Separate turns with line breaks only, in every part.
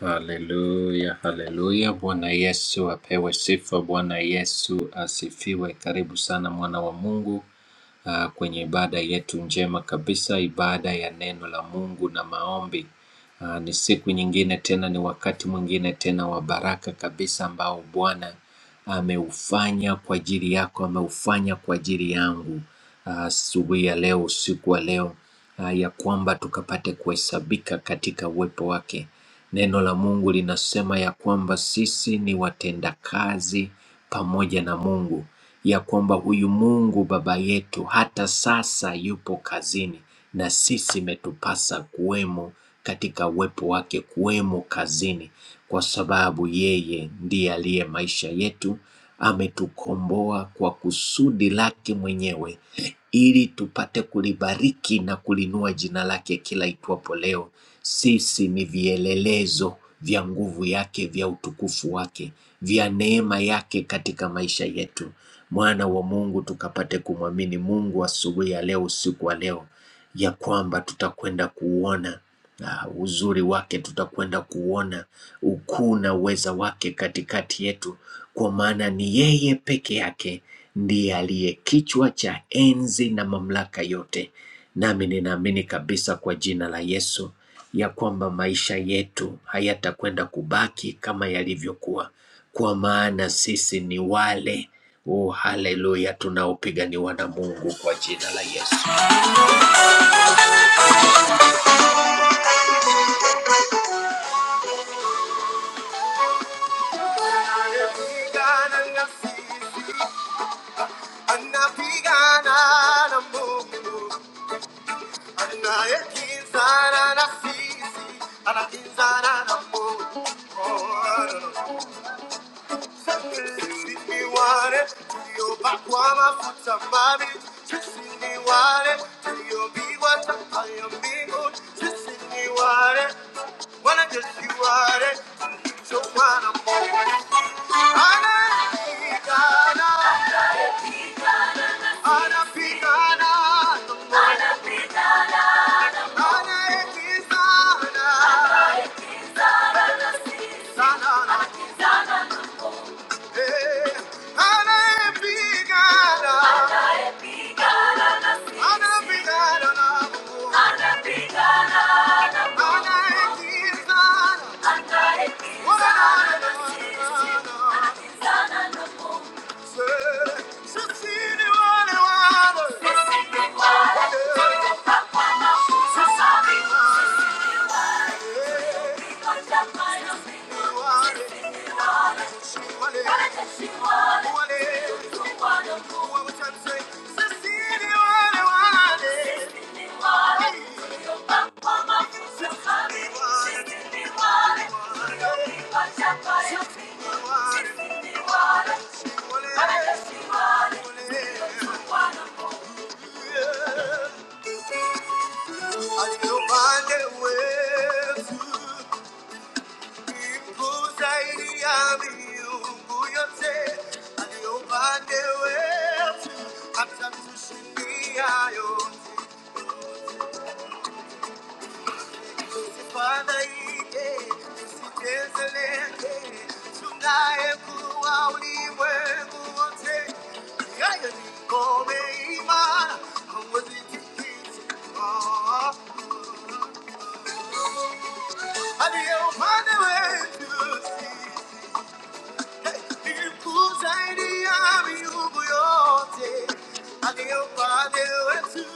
Haleluya, haleluya. Bwana Yesu apewe sifa. Bwana Yesu asifiwe. Karibu sana mwana wa Mungu uh, kwenye ibada yetu njema kabisa, ibada ya neno la Mungu na maombi. Uh, ni siku nyingine tena, ni wakati mwingine tena wa baraka kabisa ambao Bwana ameufanya kwa ajili yako, ameufanya kwa ajili yangu uh, asubuhi ya leo, usiku wa leo uh, ya kwamba tukapate kuhesabika katika uwepo wake. Neno la Mungu linasema ya kwamba sisi ni watendakazi pamoja na Mungu, ya kwamba huyu Mungu Baba yetu hata sasa yupo kazini, na sisi imetupasa kuwemo katika uwepo wake, kuwemo kazini, kwa sababu yeye ndiye aliye maisha yetu, ametukomboa kwa kusudi lake mwenyewe ili tupate kulibariki na kulinua jina lake kila itwapo leo. Sisi ni vielelezo vya nguvu yake, vya utukufu wake, vya neema yake katika maisha yetu. Mwana wa Mungu, tukapate kumwamini Mungu asubuhi ya leo, usiku wa leo, ya kwamba tutakwenda kuuona ah, uzuri wake, tutakwenda kuuona ukuu na uweza wake katikati yetu, kwa maana ni yeye peke yake ndiye aliye kichwa cha enzi na mamlaka yote. Nami ninaamini kabisa kwa jina la Yesu ya kwamba maisha yetu hayatakwenda kubaki kama yalivyokuwa, kwa maana sisi ni wale oh, haleluya, tunaopiganiwa na Mungu kwa jina la Yesu. Anapigana na sisi, anapigana na Mungu, anayekinzana na sisi, anakinzana na Mungu. Oh, no, no, no. Siniwale, tuliyobakwa mafuta mabi. Siniwale, tuliyopigwa chapa ya mbingu. Siniwale, wala jesiwale, tulichomwana Mungu. Anapigana, anapigana na Mungu. Anayekimbizana, sana na Mungu. Anayepigana, anapigana na Mungu. Thank you. Yeah. I still find a way to Impuzayiri yami ubuyotse, aliyobane wethu, atamtushindiyayo. Sifana yike, tusitezeleke, tunaye kuwa ulimwengu wote. Yayo ni ngome imara, hauwezi tikisa. Aliye upande wetu Nikusaidia miungu yote aliyo upande wetu,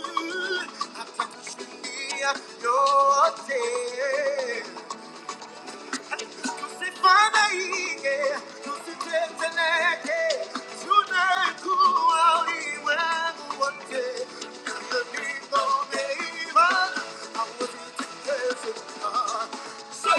So,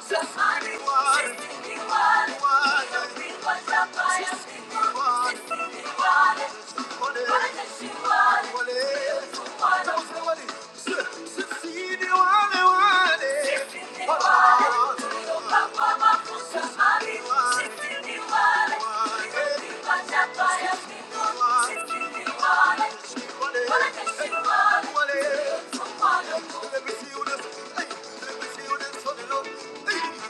Wale, let me see you this. Hey, let me see you this. Hey,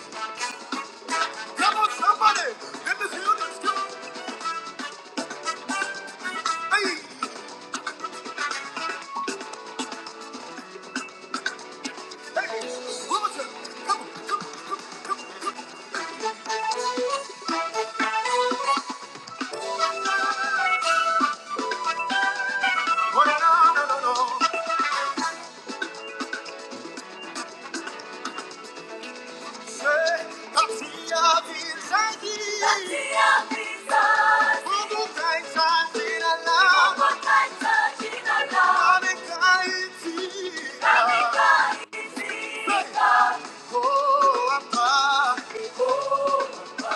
Come on, somebody. Let me see you let go. Hey, hey, Wilmington, come on. Oh, no, no, no, no, no. Say, Tatia Visagi. Tatia Visagi. Mungu kaita jina lako. Mungu kaita jina lako. Amekaitia. Ameka- Oh, Apa.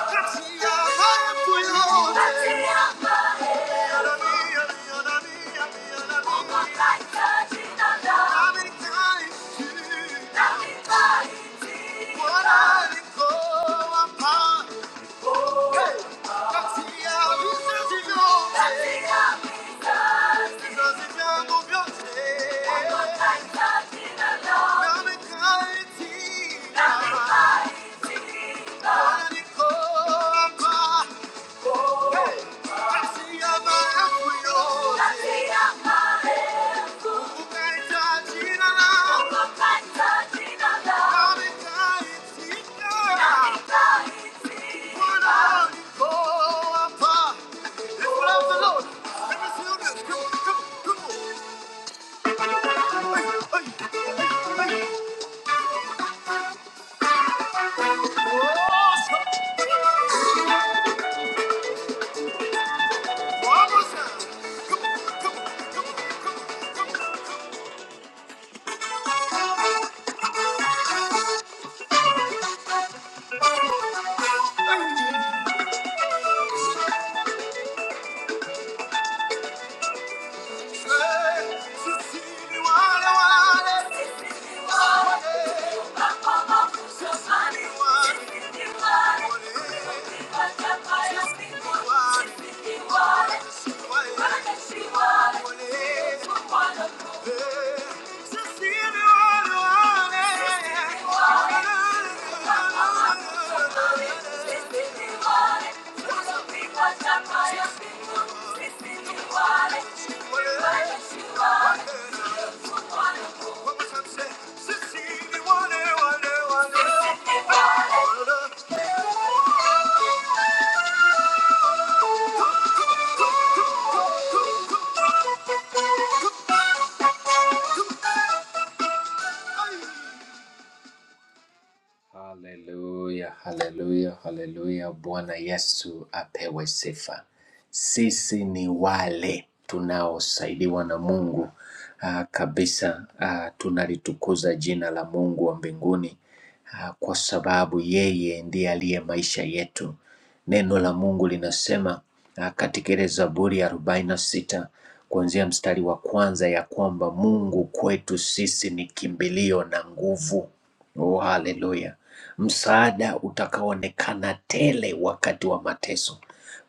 Tatia hayo yote. Thank you. Hey! Thank you. Ay. Haleluya, haleluya, haleluya. Bwana Yesu apewe sifa. Sisi ni wale tunaosaidiwa na Mungu ah, kabisa. ah, tunalitukuza jina la Mungu wa mbinguni ah, kwa sababu yeye ndiye aliye maisha yetu. Neno la Mungu linasema ah, katika ile Zaburi ya 46 kuanzia mstari wa kwanza ya kwamba Mungu kwetu sisi ni kimbilio na nguvu. Oh, haleluya! Msaada utakaoonekana tele wakati wa mateso.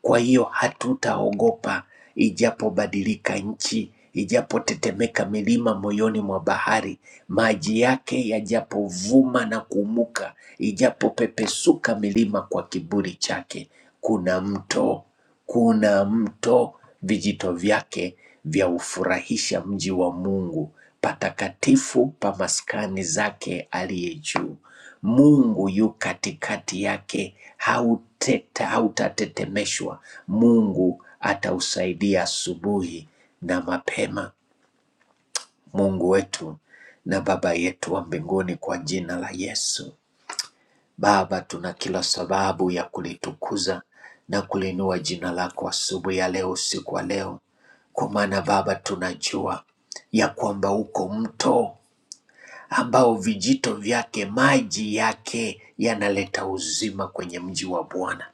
Kwa hiyo hatutaogopa ijapobadilika nchi, ijapotetemeka milima moyoni mwa bahari, maji yake yajapovuma na kuumuka, ijapopepesuka milima kwa kiburi chake, kuna mto kuna mto vijito vyake vyaufurahisha mji wa Mungu, patakatifu pa maskani zake aliye juu. Mungu yu katikati yake, hauteta hautatetemeshwa. Mungu atausaidia asubuhi na mapema, Mungu wetu na Baba yetu wa mbinguni, kwa jina la Yesu. Baba, tuna kila sababu ya kulitukuza na kuliinua jina lako asubuhi ya leo, usiku wa leo, kwa maana Baba tunajua ya kwamba uko mto ambao vijito vyake maji yake yanaleta uzima kwenye mji wa Bwana.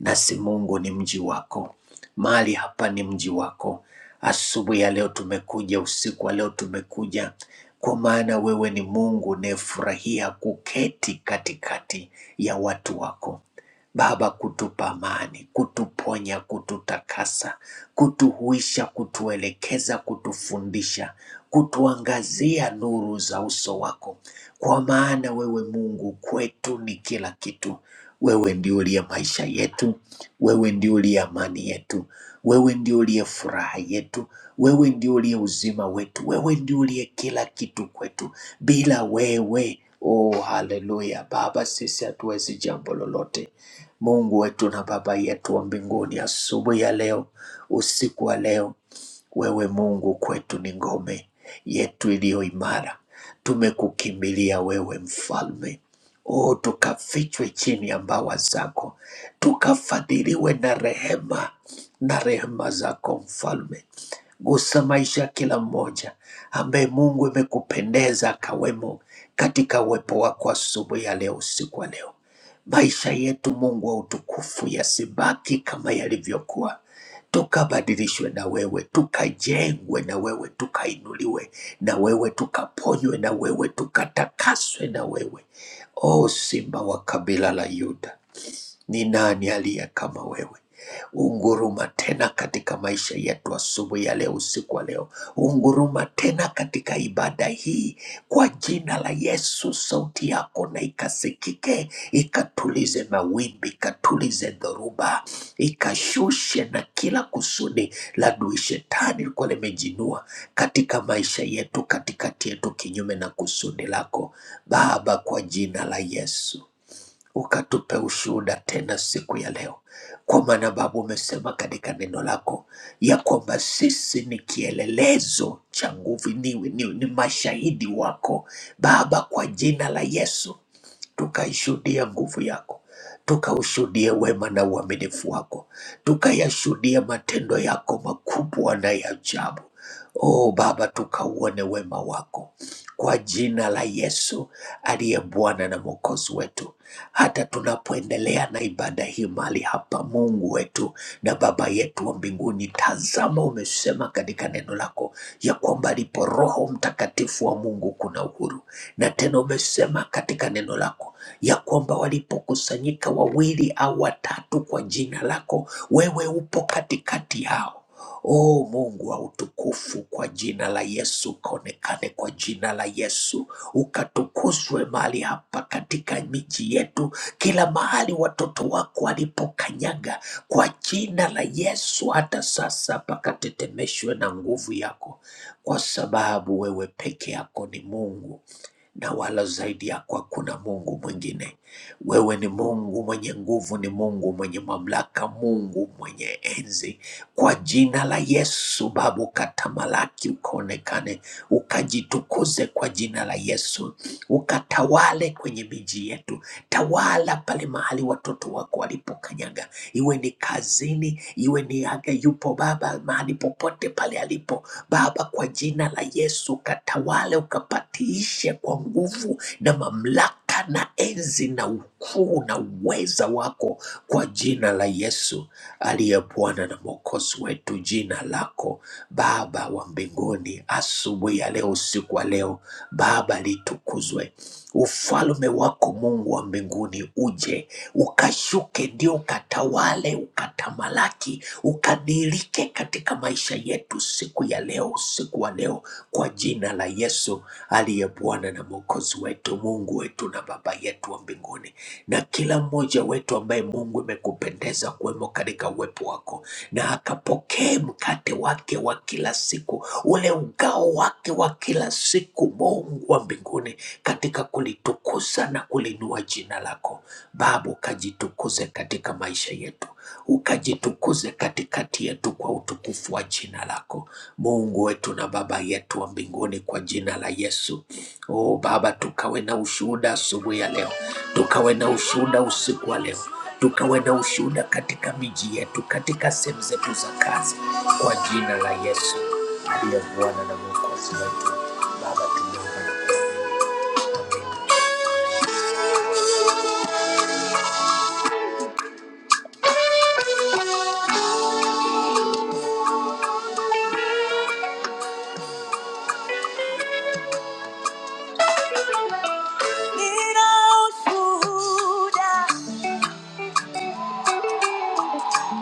Nasi Mungu ni mji wako, mahali hapa ni mji wako. Asubuhi ya leo tumekuja, usiku wa leo tumekuja, kwa maana wewe ni Mungu unayefurahia kuketi katikati ya watu wako. Baba, kutupa amani, kutuponya, kututakasa, kutuhuisha, kutuelekeza, kutufundisha, kutuangazia nuru za uso wako, kwa maana wewe Mungu kwetu ni kila kitu. Wewe ndio uliye maisha yetu, wewe ndio uliye amani yetu, wewe ndio uliye furaha yetu, wewe ndio uliye uzima wetu, wewe ndio uliye kila kitu kwetu. Bila wewe Oh, haleluya. Baba, sisi hatuwezi jambo lolote. Mungu wetu na Baba yetu wa mbinguni, asubuhi ya leo, usiku wa leo, wewe Mungu kwetu ni ngome yetu iliyo imara. Tumekukimbilia wewe, mfalme. Oh, tukafichwe chini ya mbawa zako, tukafadhiliwe na rehema na rehema zako mfalme. Gusa maisha ya kila mmoja ambaye Mungu imekupendeza akawemo katika uwepo wako asubuhi ya leo, usiku wa leo. Maisha yetu Mungu wa utukufu yasibaki kama yalivyokuwa, tukabadilishwe na wewe, tukajengwe na wewe, tukainuliwe na wewe, tukaponywe na wewe, tukatakaswe na wewe, o Simba wa kabila la Yuda. Ni nani aliye kama wewe? Unguruma tena katika maisha yetu asubuhi ya leo, usiku wa leo. Unguruma tena katika ibada hii kwa jina la Yesu. Sauti yako na ikasikike, ikatulize mawimbi, ikatulize dhoruba, ikashushe na kila kusudi la adui shetani likuwa limejinua katika maisha yetu, katikati yetu, kinyume na kusudi lako Baba, kwa jina la Yesu ukatupe ushuhuda tena siku ya leo, kwa maana Baba umesema katika neno lako ya kwamba sisi ni kielelezo cha nguvu, ni, ni, ni mashahidi wako Baba, kwa jina la Yesu tukaishuhudia nguvu yako, tukaushuhudie wema na uaminifu wako, tukayashuhudie matendo yako makubwa na ya ajabu. O Baba, tukauone wema wako kwa jina la Yesu aliye Bwana na Mwokozi wetu. Hata tunapoendelea na ibada hii mahali hapa, Mungu wetu na Baba yetu wa mbinguni, tazama, umesema katika neno lako ya kwamba alipo Roho Mtakatifu wa Mungu kuna wako na uhuru. Na tena umesema katika neno lako ya kwamba walipokusanyika wawili au watatu kwa jina lako, wewe upo katikati yao. O Mungu wa utukufu, kwa jina la Yesu kaonekane, kwa jina la Yesu ukatukuzwe mahali hapa katika miji yetu, kila mahali watoto wako walipokanyaga, kwa jina la Yesu, hata sasa pakatetemeshwe na nguvu yako kwa sababu wewe peke yako ni Mungu na wala zaidi yako hakuna Mungu mwingine. Wewe ni Mungu mwenye nguvu, ni Mungu mwenye mamlaka, Mungu mwenye enzi. Kwa jina la Yesu, Baba, ukatamalaki, ukaonekane, ukajitukuze kwa jina la Yesu ukatawale kwenye miji yetu. Tawala pale mahali watoto wako walipokanyaga, iwe ni kazini, iwe ni aga yupo Baba, mahali popote pale alipo Baba, kwa jina la Yesu, ukatawale ukapatiishe kwa nguvu nguvu na mamlaka na enzi na ukuu na uweza wako kwa jina la Yesu aliye Bwana na Mwokozi wetu. Jina lako Baba wa mbinguni, asubuhi ya leo, usiku wa leo, Baba litukuzwe ufalme wako Mungu wa mbinguni uje ukashuke, ndio ukatawale, ukatamalaki, ukadirike katika maisha yetu siku ya leo, usiku wa leo, kwa jina la Yesu aliye Bwana na Mwokozi wetu, Mungu wetu na Baba yetu wa mbinguni na kila mmoja wetu ambaye Mungu imekupendeza kuwemo katika uwepo wako, na akapokee mkate wake wa kila siku, ule ugao wake wa kila siku, Mungu wa mbinguni, katika kulitukuza na kulinua jina lako. Baba, ukajitukuze katika maisha yetu, ukajitukuze katikati yetu kwa utukufu wa jina lako, Mungu wetu na Baba yetu wa mbinguni, kwa jina la Yesu. Oh Baba, tukawe na ushuhuda asubuhi ya leo, tukawe na ushuhuda usiku wa leo, tukawe na ushuhuda katika miji yetu, katika sehemu zetu za kazi, kwa jina la Yesu aliye Bwana na Mwokozi wetu. Baba, tumeomba na kuomba. Nina ushuhuda,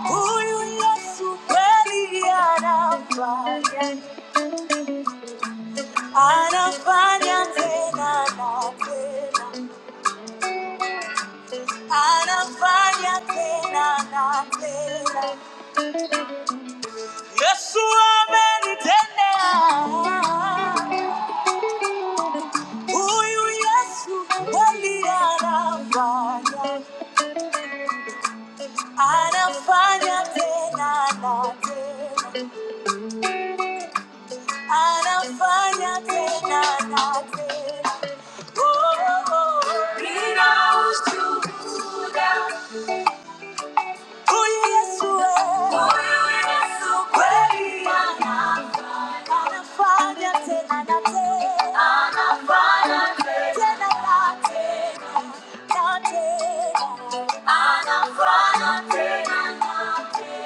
huyu Yesu kweli anafanya, anafanya tena na tena, anafanya tena na tena. Yesu amenitendea, huyu Yesu kweli anafanya, anafanya tena na tena, anafanya tena na tena. Oh, oh, oh. Ninaus- Huyu Yesu eh. Huyu Yesu kweli ana- anafanya tena na tena, Ana tena na tena na tena.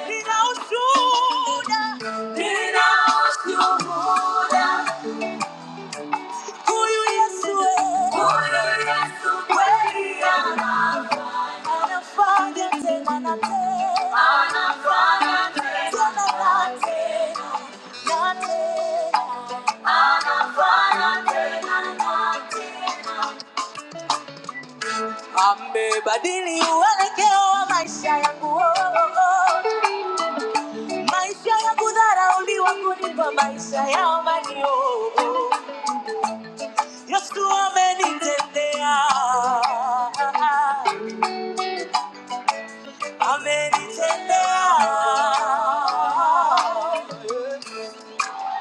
Ninaushuhuda, huyu Yesu we. Huyu Yesu kweli ana- anafanya tena na tena, tena na tena, na tena. Amebadili uelekeo wa maisha yangu oh, oh, oh. maisha ya kudharauliwa kunipa maisha ya amani oh, oh. Yesu amenitendea Amenitendea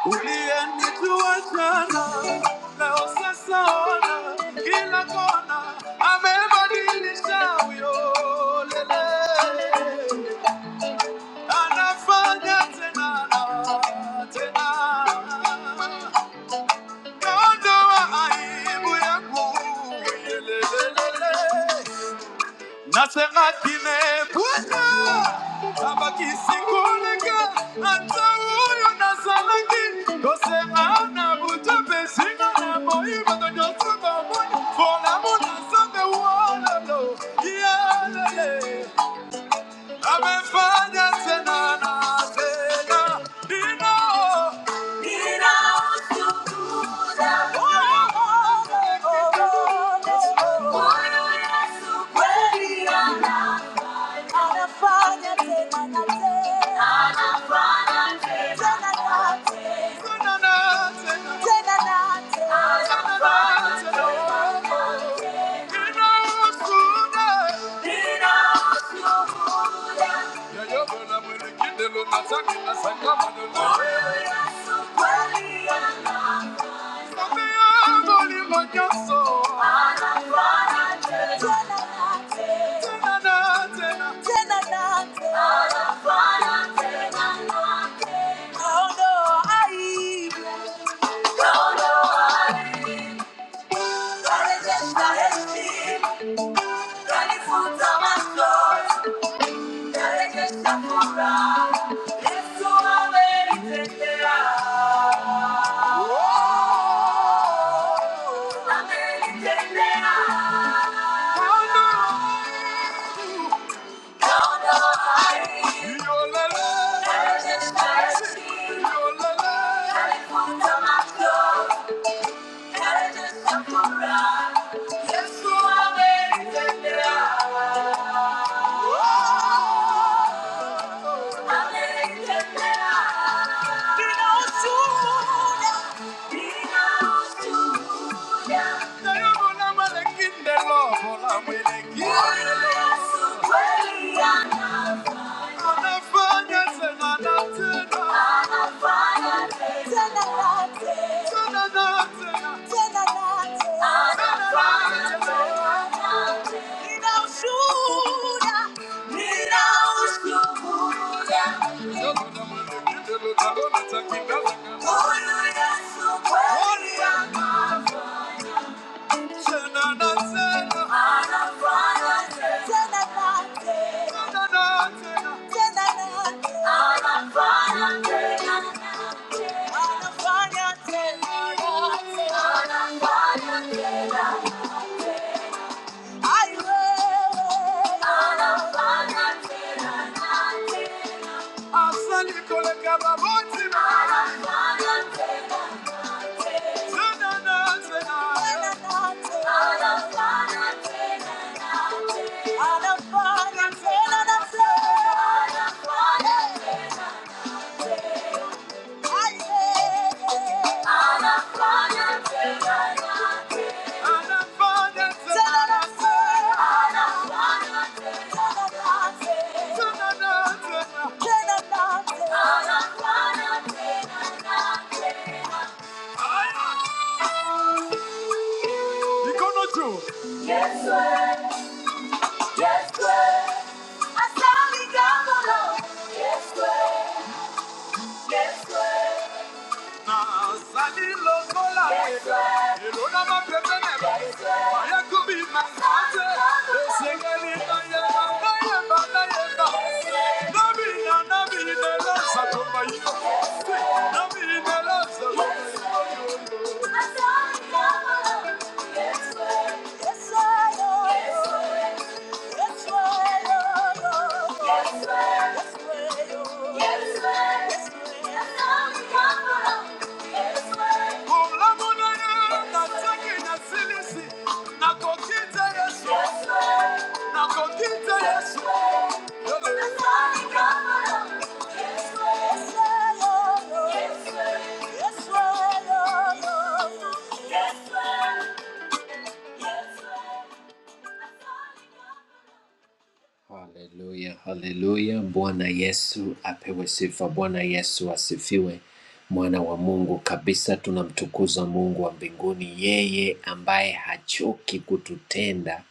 uliyenijua jana, leo sasa ona kila kona, amebadilisha huyo lele, anafanya tena na tena, naondoa aibu yangu yelelelele. Nasera tine bwana abakisi koleka ata oyo nazalaki tosera na butu mpe singa na moi bato nyonso bamoni polamo na nzambe wolalo yaleye amefanya tena na tena dino Bwana Yesu kweli ana- anafanya tena na tena. Ay. Yes, you are very tender. Kinderlobo la mwelekeo, anafanya sema na tena Thank you. Yeah. Yes, sir. Yes, sir. Asali Gamolo. Yes, sir. Yes, sir. Now, sally low, so loud. Yes, sir. You don't have a present. Yes, I am. Yes, sir. Yes, sir. Haleluya, haleluya. Bwana Yesu apewe sifa. Bwana Yesu asifiwe mwana wa Mungu kabisa. Tunamtukuza Mungu wa mbinguni, yeye ambaye hachoki kututenda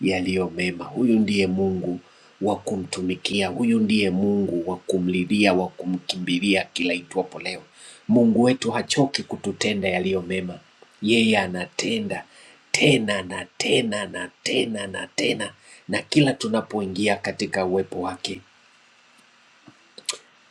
yaliyo mema. Huyu ndiye Mungu wa kumtumikia, huyu ndiye Mungu wa kumlilia, wa kumkimbilia kila itwapo leo. Mungu wetu hachoki kututenda yaliyo mema, yeye anatenda tena na tena na tena na tena, na kila tunapoingia katika uwepo wake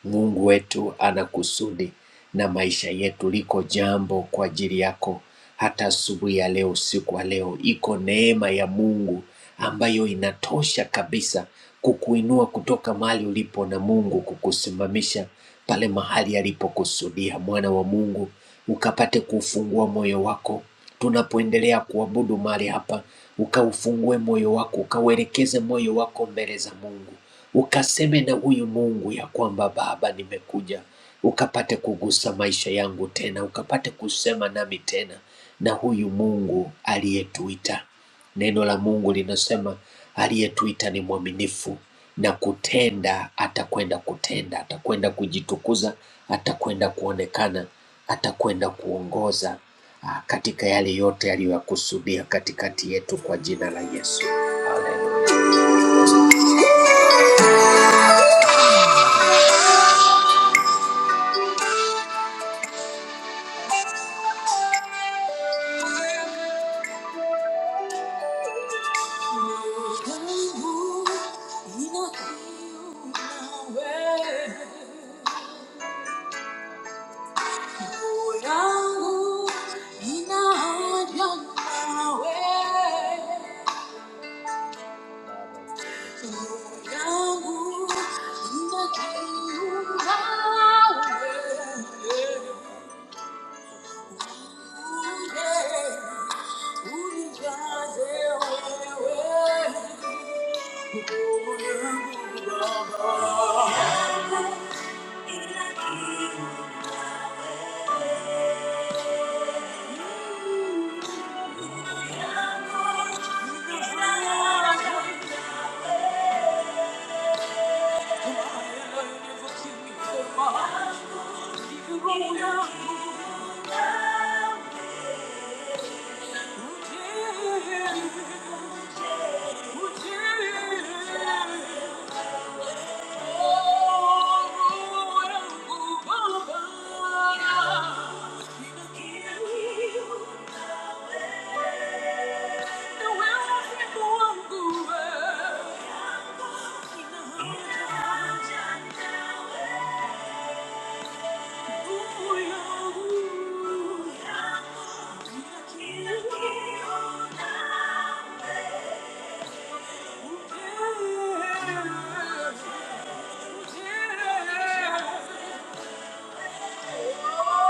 Mungu wetu ana kusudi na maisha yetu. Liko jambo kwa ajili yako, hata asubuhi ya leo, usiku wa leo, iko neema ya Mungu ambayo inatosha kabisa kukuinua kutoka mahali ulipo na Mungu kukusimamisha pale mahali alipokusudia. Mwana wa Mungu, ukapate kufungua moyo wako tunapoendelea kuabudu mahali hapa, ukaufungue moyo wako, ukauelekeze moyo wako mbele za Mungu ukaseme na huyu Mungu ya kwamba Baba, nimekuja ukapate kugusa maisha yangu tena, ukapate kusema nami tena na huyu Mungu aliyetuita. Neno la Mungu linasema aliyetuita ni mwaminifu na kutenda, atakwenda kutenda, atakwenda kujitukuza, atakwenda kuonekana, atakwenda kuongoza ah, katika yale yote aliyoyakusudia katikati yetu kwa jina la Yesu. yangu inaonja nawe yangu ina kiu nawe uje unijaze wewe Roho yangu, uje Yeah. Yeah.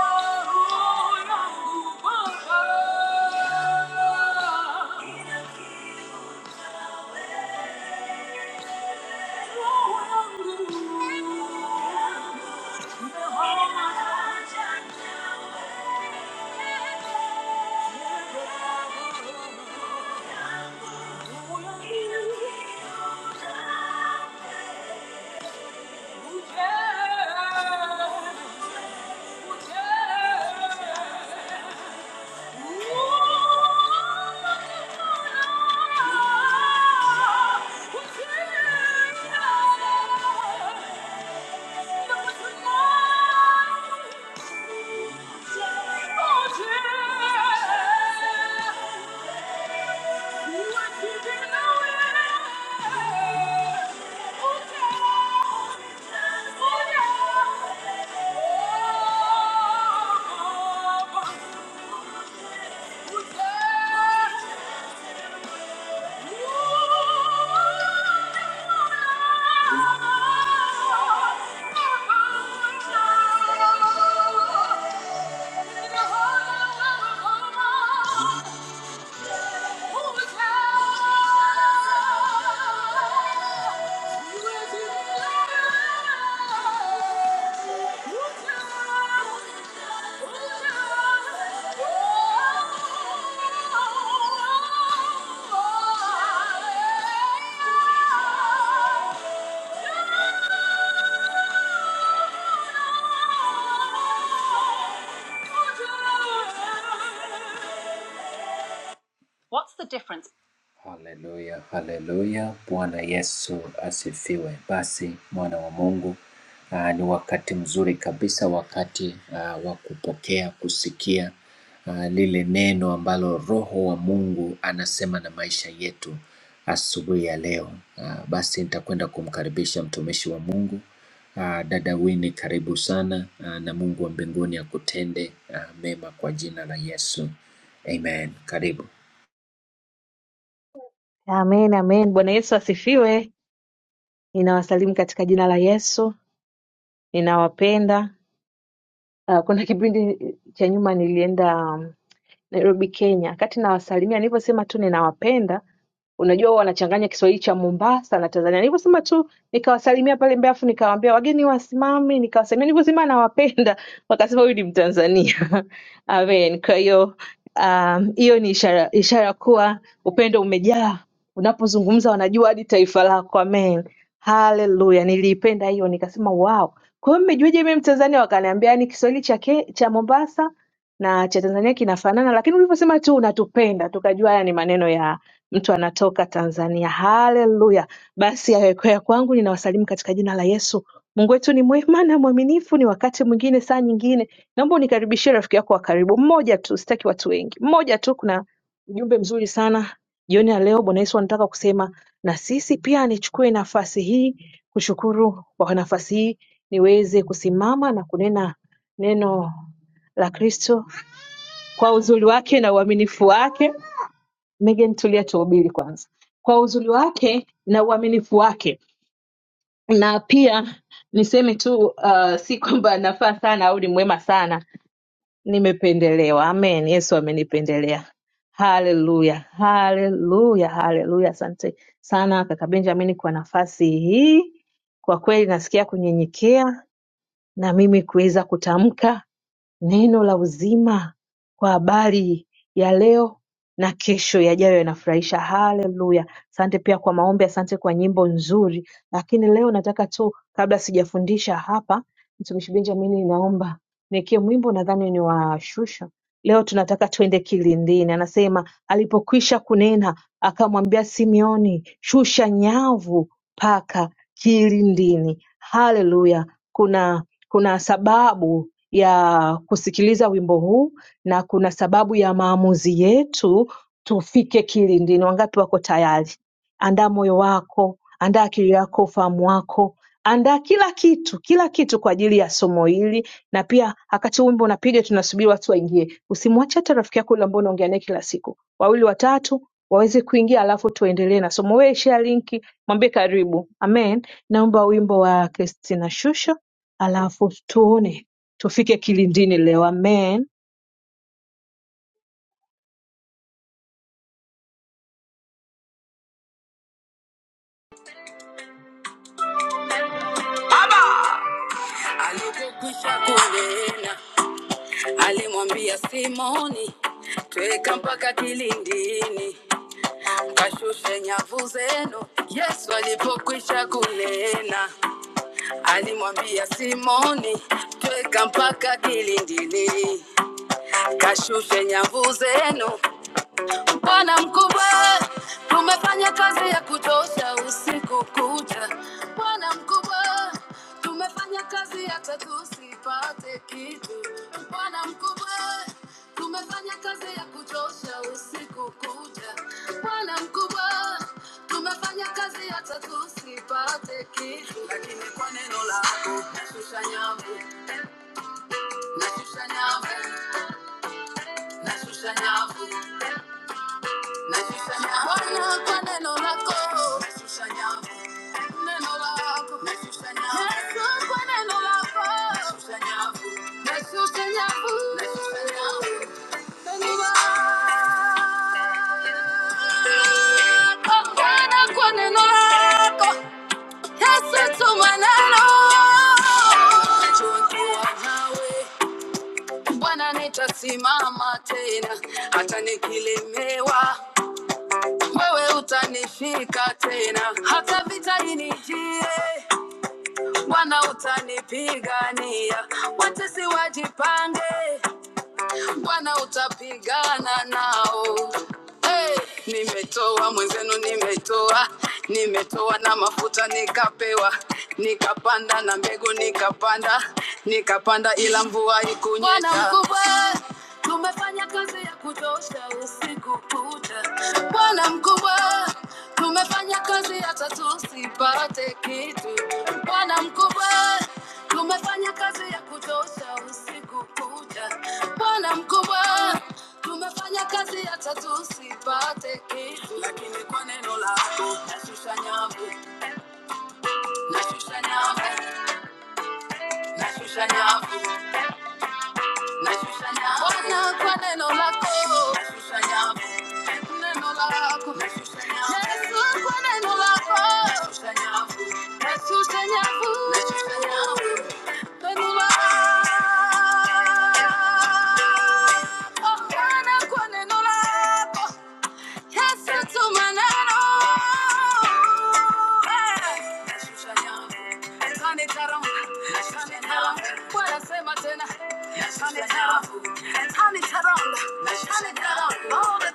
Oh, yeah oh, you. What's the difference? Haleluya, haleluya. Bwana Yesu asifiwe. Basi mwana wa Mungu, ah, ni wakati mzuri kabisa, wakati ah, wa kupokea, kusikia ah, lile neno ambalo Roho wa Mungu anasema na maisha yetu asubuhi ya leo. Ah, Basi nitakwenda kumkaribisha mtumishi wa Mungu ah, dada Winnie, karibu sana ah, na Mungu wa mbinguni akutende ah, mema kwa jina la Yesu. Amen. Karibu.
Amen, amen. Bwana Yesu asifiwe. Ninawasalimu katika jina la Yesu. Ninawapenda. Uh, kuna kipindi cha nyuma nilienda um, Nairobi Kenya Wakati nawasalimia nilivyosema tu ninawapenda unajua huwa wanachanganya Kiswahili cha Mombasa na Tanzania. Nilivyosema tu nikawasalimia pale Mbeya, afu nikawaambia wageni wasimame, nikawasalimia nilivyosema nawapenda, wakasema huyu ni Mtanzania. Amen. Kwa hiyo um, hiyo ni ishara ishara kuwa upendo umejaa, unapozungumza wanajua hadi taifa lako. Amen. Haleluya, niliipenda hiyo, nikasema wow. Kwa hiyo mmejuaje mimi Mtanzania? Wakaniambia ni Kiswahili cha, ke- cha Mombasa na cha Tanzania kinafanana, lakini ulivyosema tu unatupenda, tukajua haya ni maneno ya mtu anatoka Tanzania. Haleluya! Basi yawekwa ya kwangu, ninawasalimu katika jina la Yesu. Mungu wetu ni mwema na mwaminifu, ni wakati mwingine, saa nyingine. Naomba unikaribishie rafiki yako wa karibu, mmoja tu, sitaki watu wengi, mmoja tu. Kuna ujumbe mzuri sana jioni ya leo. Bwana Yesu anataka kusema na sisi pia. Nichukue nafasi hii kushukuru kwa nafasi hii niweze kusimama na kunena neno la Kristo kwa uzuri wake na uaminifu wake. Megan, tulia tuhubiri kwanza. Kwa uzuri wake na uaminifu wake, na pia niseme tu uh, si kwamba nafaa sana au ni mwema sana, nimependelewa. Amen, Yesu amenipendelea. Haleluya, haleluya, haleluya! Asante sana kaka Benjamin kwa nafasi hii. Kwa kweli nasikia kunyenyekea na mimi kuweza kutamka Neno la uzima kwa habari ya leo na kesho yajayo yanafurahisha. Haleluya! Asante pia kwa maombi, asante kwa nyimbo nzuri. Lakini leo nataka tu, kabla sijafundisha hapa, mtumishi Benjamin, naomba niwekee mwimbo, nadhani ni wa Shusha. Leo tunataka twende kilindini. Anasema alipokwisha kunena, akamwambia Simeoni, shusha nyavu mpaka kilindini. Haleluya! Kuna kuna sababu ya kusikiliza wimbo huu na kuna sababu ya maamuzi yetu tufike kilindini. Wangapi wako tayari? Andaa moyo wako, andaa akili yako, ufahamu wako, andaa kila kitu, kila kitu kwa ajili ya somo hili. Na pia wakati huu wimbo unapiga, tunasubiri watu waingie, usimwache hata rafiki yako yule ambao unaongea naye kila siku, wawili watatu waweze kuingia, alafu tuendelee na somo. Wewe share linki, mwambie karibu. Amen. Naomba wimbo wa Christina Shusho, alafu tuone tufike kilindini leo amen
Alipokwisha kunena, alimwambia Simoni, tweka mpaka kilindini, kashushe nyavu zenu. Yesu alipokwisha kunena, alimwambia Simoni, tweka mpaka kilindini, kashushe nyavu zenu. Bwana mkubwa, tumefanya kazi ya kutosha usiku kucha. Bwana mkubwa, tumefanya kazi hata tusipate kitu. Bwana mkubwa, tumefanya kazi ya kutosha usiku kucha. Bwana mkubwa, tumefanya kazi hata tusipate kitu, lakini kwa neno lako nashusha nyavu, nashusha nyavu, nashusha nyavu. Nashusha kwa neno lako, shusha nyavu. Neno lako, nashusha nyavu. Yesu kwa neno lako, shusha nyavu. Nashusha nyavu. Nashusha nyavu. Neno lako, Bwana kwa neno lako. Yesu tuma neno. Najua kuwa nawe, Bwana nitasimama tena hata nikilemewa wewe utanishika tena, hata vita inijie, Bwana utanipigania, watesi wajipange, Bwana utapigana nao. Hey, nimetoa mwenzenu, nimetoa nimetoa na mafuta nikapewa, nikapanda na mbegu nikapanda, nikapanda ila mvua ikunyesha. Bwana mkubwa, tumefanya kazi ya kutosha usiku kucha. Bwana mkubwa, tumefanya kazi hata tusipate kitu. Bwana mkubwa Tumefanya kazi ya kutosha usiku kucha, Bwana mkubwa. Tumefanya kazi ya tatu usipate kitu, lakini kwa neno lako nashusha nyavu, nashusha nyavu, nashusha nyavu. Nashushanyaho. Bwana kwa neno lako. Nashushanyaho. Neno lako. Nashushanyaho. Yesu kwa neno lako. Nashushanyaho. Nashushanyaho. Nashushanyaho. Neno lako. Bwana kwa neno lako. Yesu tuma neno. Hey. Nashushanyaho. Turn it around. Turn it around. Turn it around. Turn it around.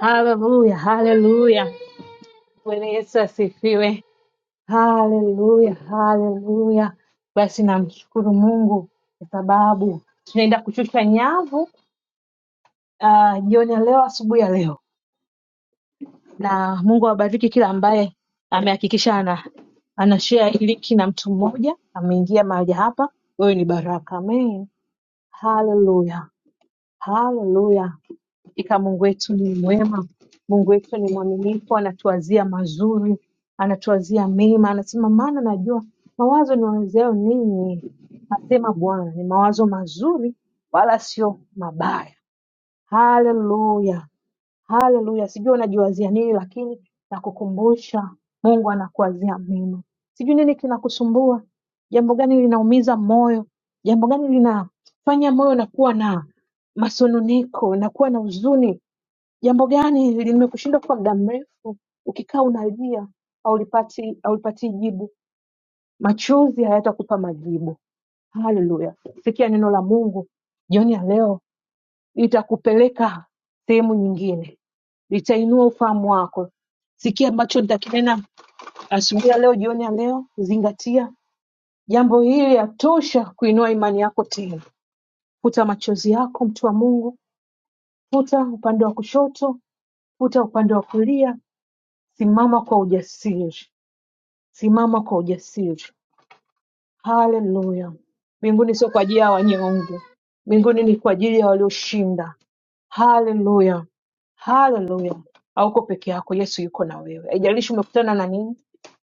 haleluya haleluya bwana yesu asifiwe haleluya haleluya basi namshukuru mungu kwa sababu tunaenda kushusha nyavu ah, jioni ya leo asubuhi ya leo na mungu awabariki kila ambaye amehakikisha ana anashare hii linki na mtu mmoja ameingia mahali hapa wewe ni baraka amen haleluya haleluya Hakika Mungu wetu ni mwema, Mungu wetu ni mwaminifu, anatuwazia mazuri, anatuwazia mema. Anasema maana najua mawazo niwazayo ninyi, asema Bwana, ni mawazo mazuri, wala sio mabaya. Haleluya, haleluya! Sijui unajiwazia nini, lakini nakukumbusha Mungu anakuwazia mema. Sijui nini kinakusumbua, jambo gani linaumiza moyo, jambo gani linafanya moyo unakuwa na masononeko, unakuwa na huzuni Jambo gani limekushinda kwa muda mrefu, ukikaa unalia haulipati haulipati jibu, machozi hayatakupa majibu. Haleluya! Sikia neno la Mungu jioni ya leo, litakupeleka sehemu nyingine, litainua ufahamu wako. Sikia ambacho nitakinena asubuhi ya leo, jioni ya leo, zingatia jambo hili, yatosha kuinua imani yako tena. Futa machozi yako, mtu wa Mungu, futa upande wa kushoto, futa upande wa kulia, Simama kwa ujasiri, simama kwa ujasiri. Haleluya! Mbinguni sio kwa ajili ya wanyonge, mbinguni ni kwa ajili ya walioshinda. Haleluya, haleluya! Hauko peke yako, Yesu yuko na wewe. Haijalishi umekutana na nini,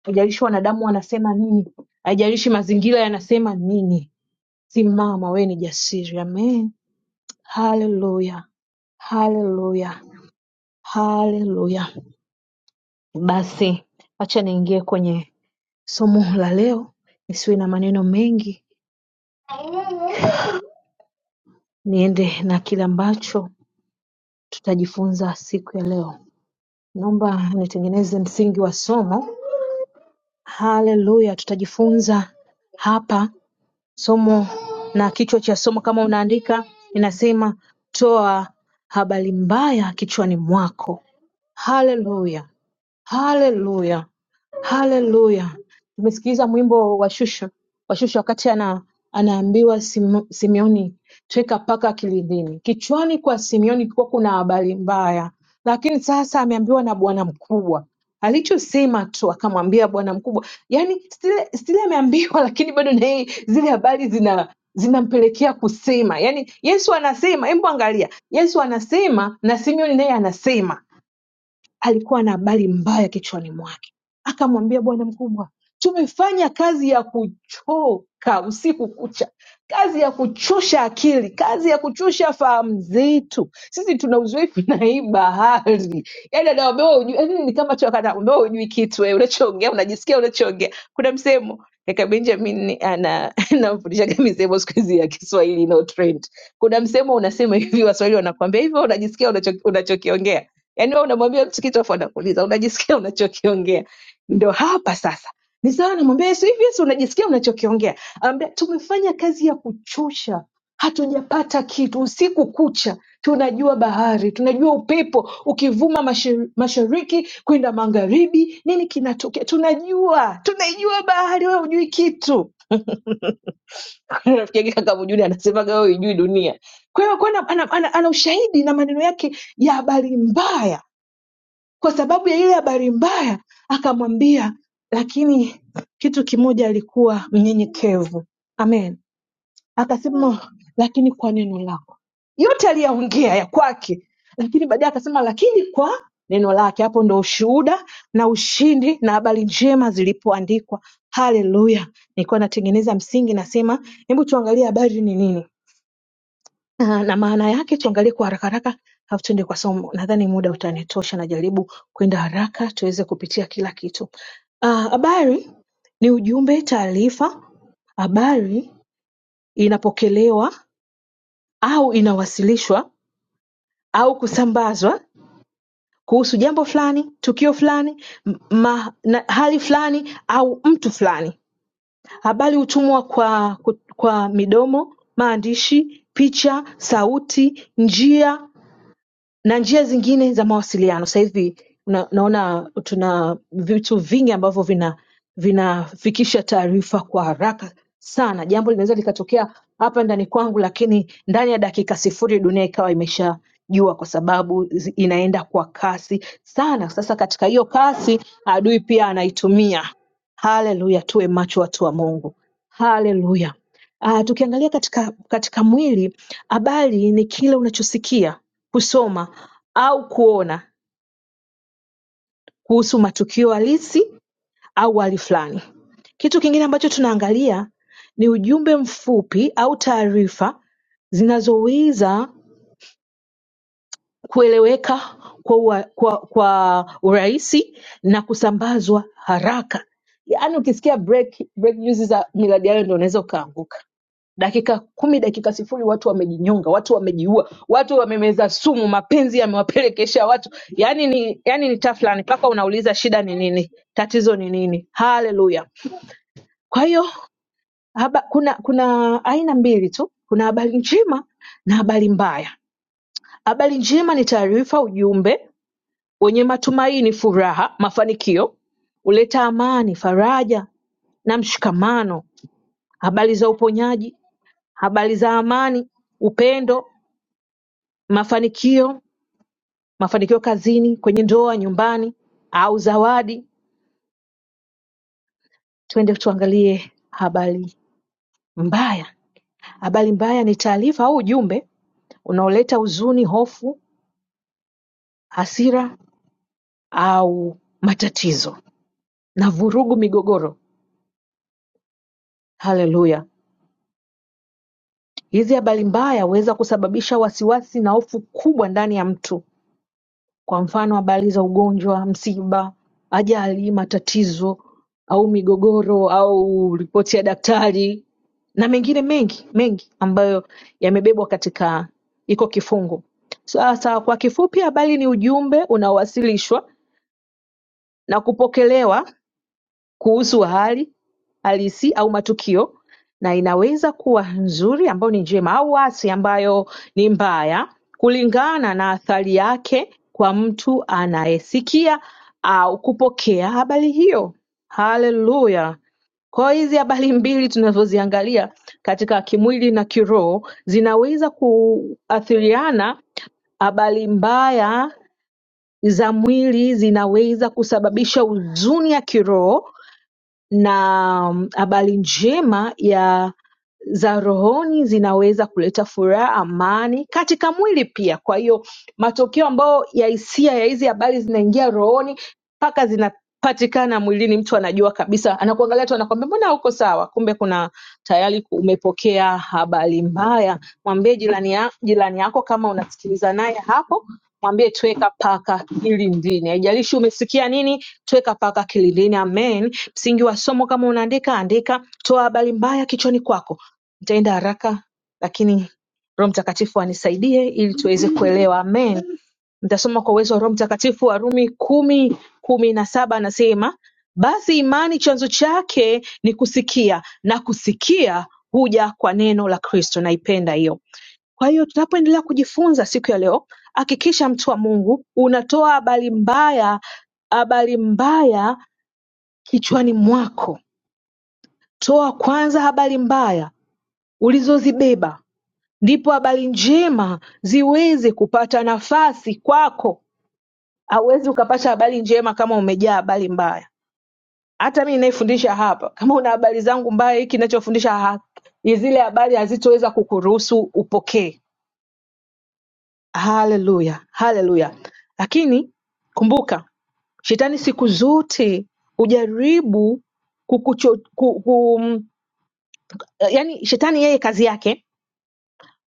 haijalishi wanadamu wanasema nini, haijalishi mazingira yanasema nini, simama, wewe ni jasiri. Amen, haleluya, haleluya, haleluya. Basi acha niingie kwenye Somo la leo nisiwe na maneno mengi, niende na kile ambacho tutajifunza siku ya leo. Naomba nitengeneze msingi wa somo. Haleluya, tutajifunza hapa somo na kichwa cha somo, kama unaandika, inasema toa habari mbaya kichwani mwako. Haleluya. Haleluya, haleluya! Tumesikiliza mwimbo wa Shusha wa Shusha wakati ana, anaambiwa Sim, Simeoni tweka paka kilindini. Kichwani kwa Simeoni kulikuwa kuna habari mbaya, lakini sasa ameambiwa na bwana mkubwa alichosema tu akamwambia bwana mkubwa, yani stile, stile ameambiwa, lakini bado na yeye zile habari zina zinampelekea kusema. Yani Yesu anasema, hebu angalia, Yesu anasema na Simeoni naye anasema alikuwa na habari mbaya kichwani mwake. Akamwambia bwana mkubwa, tumefanya kazi ya kuchoka usiku kucha, kazi ya kuchosha akili, kazi ya kuchosha fahamu zetu. Sisi tuna uzoefu na hii bahari. Yaani anawaambia wewe hujui, yaani ni kama choka anawaambia wewe hujui kitu wewe unachoongea, unajisikia unachoongea. Kuna msemo Kaka Benjamin ni- ana anamfundishaga misemo siku hizi ya Kiswahili inayo trend. Kuna msemo unasema hivi, Waswahili wanakuambia hivyo, unajisikia unacho- unachokiongea Yaani wewe unamwambia mtu kitu afu anakuuliza unajisikia unachokiongea. Ndio hapa sasa. Ni sawa namwambia Yesu hivi Yesu unajisikia unachokiongea. Anambia tumefanya kazi ya kuchusha. Hatujapata kitu usiku kucha. Tunajua bahari, tunajua upepo ukivuma mashi- mashariki kwenda magharibi, nini kinatokea? Tunajua, tunaijua bahari, wewe hujui kitu. Rafiki yake kaka Mjuni anasemaga wewe hujui dunia. Kwa hiyo alikuwa ana, ana, ana, ana ushahidi na maneno yake ya habari mbaya kwa sababu ya ile habari mbaya, akamwambia, lakini kitu kimoja alikuwa mnyenyekevu. Amen. Akasema, lakini kwa neno lako. Yote aliyaongea ya kwake, lakini baadaye akasema, lakini kwa neno lake. Hapo ndo ushuhuda na ushindi na habari njema zilipoandikwa. Haleluya! Nilikuwa natengeneza msingi, nasema hebu tuangalie habari ni nini. Ah, na maana yake tuangalie kwa haraka haraka alafu tuende kwa somo. Nadhani muda utanitosha, najaribu kwenda haraka tuweze kupitia kila kitu. Ah, Habari ni ujumbe, taarifa. Habari inapokelewa au inawasilishwa au kusambazwa kuhusu jambo fulani, tukio fulani, m- ma, na, hali fulani au mtu fulani. Habari hutumwa kwa, kwa midomo, maandishi, picha, sauti, njia na njia zingine za mawasiliano sasa hivi na, naona tuna vitu vingi ambavyo vina vinafikisha taarifa kwa haraka sana jambo linaweza likatokea hapa ndani kwangu lakini ndani ya dakika sifuri dunia ikawa imeshajua kwa sababu zi- inaenda kwa kasi sana sasa katika hiyo kasi adui pia anaitumia haleluya tuwe macho watu wa mungu haleluya Ah, tukiangalia katika katika mwili, habari ni kile unachosikia, kusoma au kuona kuhusu matukio halisi au hali fulani. Kitu kingine ambacho tunaangalia ni ujumbe mfupi au taarifa zinazoweza kueleweka kwa, ua- kwa, kwa urahisi na kusambazwa haraka yaani ukisikia break, break juzi za miradi yayo ndo unaweza ukaanguka dakika kumi dakika sifuri watu wamejinyonga watu wamejiua watu wamemeza sumu mapenzi yamewapelekesha watu yani ni yani ni taflani mpaka unauliza shida ni nini tatizo ni nini haleluya kwa hiyo haba, kuna kuna aina mbili tu kuna habari njema na habari mbaya habari njema ni taarifa ujumbe wenye matumaini, furaha, mafanikio; huleta amani, faraja na mshikamano; habari za uponyaji, habari za amani, upendo, mafanikio, mafanikio kazini, kwenye ndoa, nyumbani au zawadi. Twende tuangalie habari mbaya. Habari mbaya ni taarifa au ujumbe unaoleta huzuni, hofu, hasira au matatizo na vurugu, migogoro. Haleluya! Hizi habari mbaya huweza kusababisha wasiwasi na hofu kubwa ndani ya mtu kwa mfano habari za ugonjwa, msiba, ajali, matatizo au migogoro au ripoti ya daktari na mengine mengi mengi ambayo yamebebwa katika iko kifungu. Sasa kwa kifupi habari ni ujumbe unaowasilishwa na kupokelewa kuhusu hali halisi au matukio na inaweza kuwa nzuri ambayo ni njema au hasi ambayo ni mbaya kulingana na athari yake kwa mtu anayesikia au kupokea habari hiyo. Haleluya! Kwa hiyo hizi habari mbili tunazoziangalia katika kimwili na kiroho zinaweza kuathiriana. Habari mbaya za mwili zinaweza kusababisha huzuni ya kiroho na mm, habari njema ya za rohoni zinaweza kuleta furaha, amani katika mwili pia. Kwa hiyo matokeo ambayo ya hisia ya hizi habari zinaingia rohoni mpaka zinapatikana mwilini, mtu anajua kabisa, anakuangalia tu, anakwambia mbona huko sawa, kumbe kuna tayari umepokea habari mbaya. Mwambie jirani, ya, jirani yako kama unasikiliza naye hapo, mwambie tweka paka kilindini. Haijalishi umesikia nini, tweka paka kilindini. Amen. Msingi wa somo kama unaandika, andika, toa habari mbaya kichwani kwako. Nitaenda haraka, lakini Roho Mtakatifu anisaidie ili tuweze kuelewa. Amen. Nitasoma kwa uwezo wa Roho Mtakatifu Warumi kumi kumi na saba anasema basi imani chanzo chake ni kusikia na kusikia huja kwa neno la Kristo. Naipenda hiyo. Kwa hiyo tunapoendelea kujifunza siku ya leo, hakikisha mtu wa Mungu unatoa habari mbaya, habari mbaya kichwani mwako Toa kwanza habari mbaya ulizozibeba ndipo habari njema ziweze kupata nafasi kwako. Hauwezi ukapata habari njema kama umejaa habari mbaya. Hata mimi ninayefundisha hapa, kama una habari zangu mbaya, hiki ninachofundisha ha- zile habari hazitoweza kukuruhusu upokee. Haleluya, haleluya. Lakini kumbuka, shetani siku zote hujaribu kukucho, ku, ku, yani shetani yeye kazi yake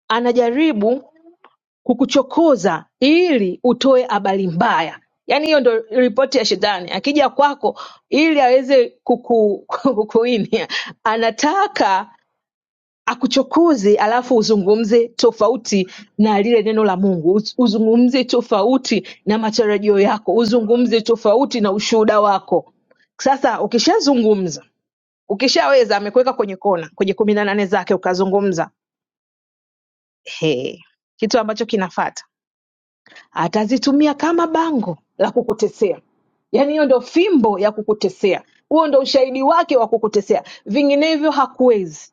anajaribu kukuchokoza ili utoe habari mbaya yaani hiyo ndo ripoti ya shetani akija kwako ili aweze kuku, kukuinia anataka akuchokoze alafu uzungumze tofauti na lile neno la mungu Uz- uzungumze tofauti na matarajio yako uzungumze tofauti na ushuhuda wako sasa ukishazungumza ukishaweza amekuweka kwenye kona kwenye kumi na nane zake ukazungumza he, kitu ambacho kinafata atazitumia kama bango la kukutesea yaani hiyo ndo fimbo ya kukutesea huo ndo ushahidi wake wa kukutesea vinginevyo hakuwezi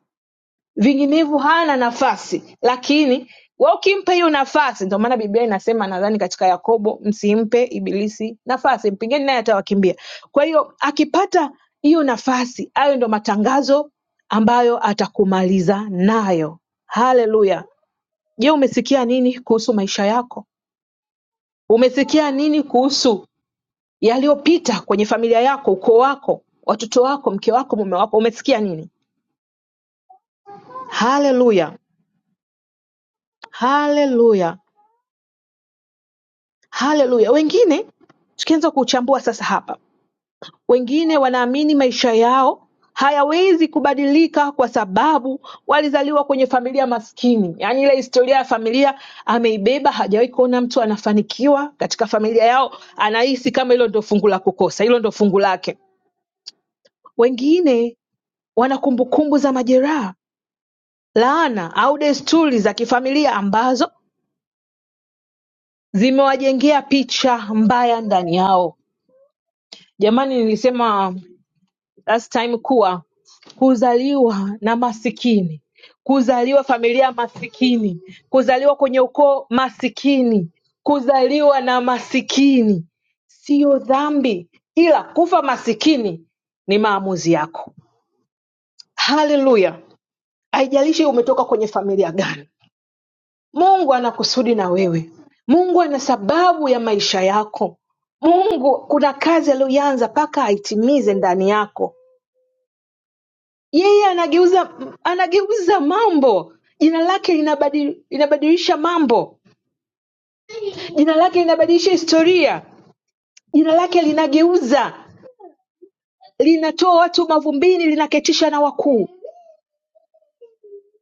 vinginevyo hana nafasi lakini we ukimpa hiyo nafasi ndio maana biblia inasema nadhani katika yakobo msimpe ibilisi nafasi mpingeni naye atawakimbia kwa hiyo akipata hiyo nafasi hayo ndo matangazo ambayo atakumaliza nayo haleluya je umesikia nini kuhusu maisha yako Umesikia nini kuhusu yaliyopita kwenye familia yako, ukoo wako, watoto wako, mke wako, mume wako? Umesikia nini? Haleluya, haleluya, haleluya. Wengine tukianza kuchambua sasa hapa, wengine wanaamini maisha yao hayawezi kubadilika kwa sababu walizaliwa kwenye familia maskini, yaani ile historia ya familia ameibeba, hajawahi kuona mtu anafanikiwa katika familia yao, anahisi kama hilo ndio fungu la kukosa, hilo ndio fungu lake. Wengine Wana kumbukumbu za majeraha, laana au desturi za kifamilia ambazo zimewajengea picha mbaya ndani yao. Jamani, nilisema last time kuwa kuzaliwa na masikini, kuzaliwa familia masikini, kuzaliwa kwenye ukoo masikini, kuzaliwa na masikini siyo dhambi, ila kufa masikini ni maamuzi yako. Haleluya! Haijalishi umetoka kwenye familia gani Mungu ana kusudi na wewe. Mungu ana sababu ya maisha yako. Mungu kuna kazi aliyoianza mpaka aitimize ndani yako. Yeye anageuza anageuza mambo. Jina lake linabadili, linabadilisha mambo. Jina lake linabadilisha historia. Jina lake linageuza, linatoa watu mavumbini, linaketisha na wakuu.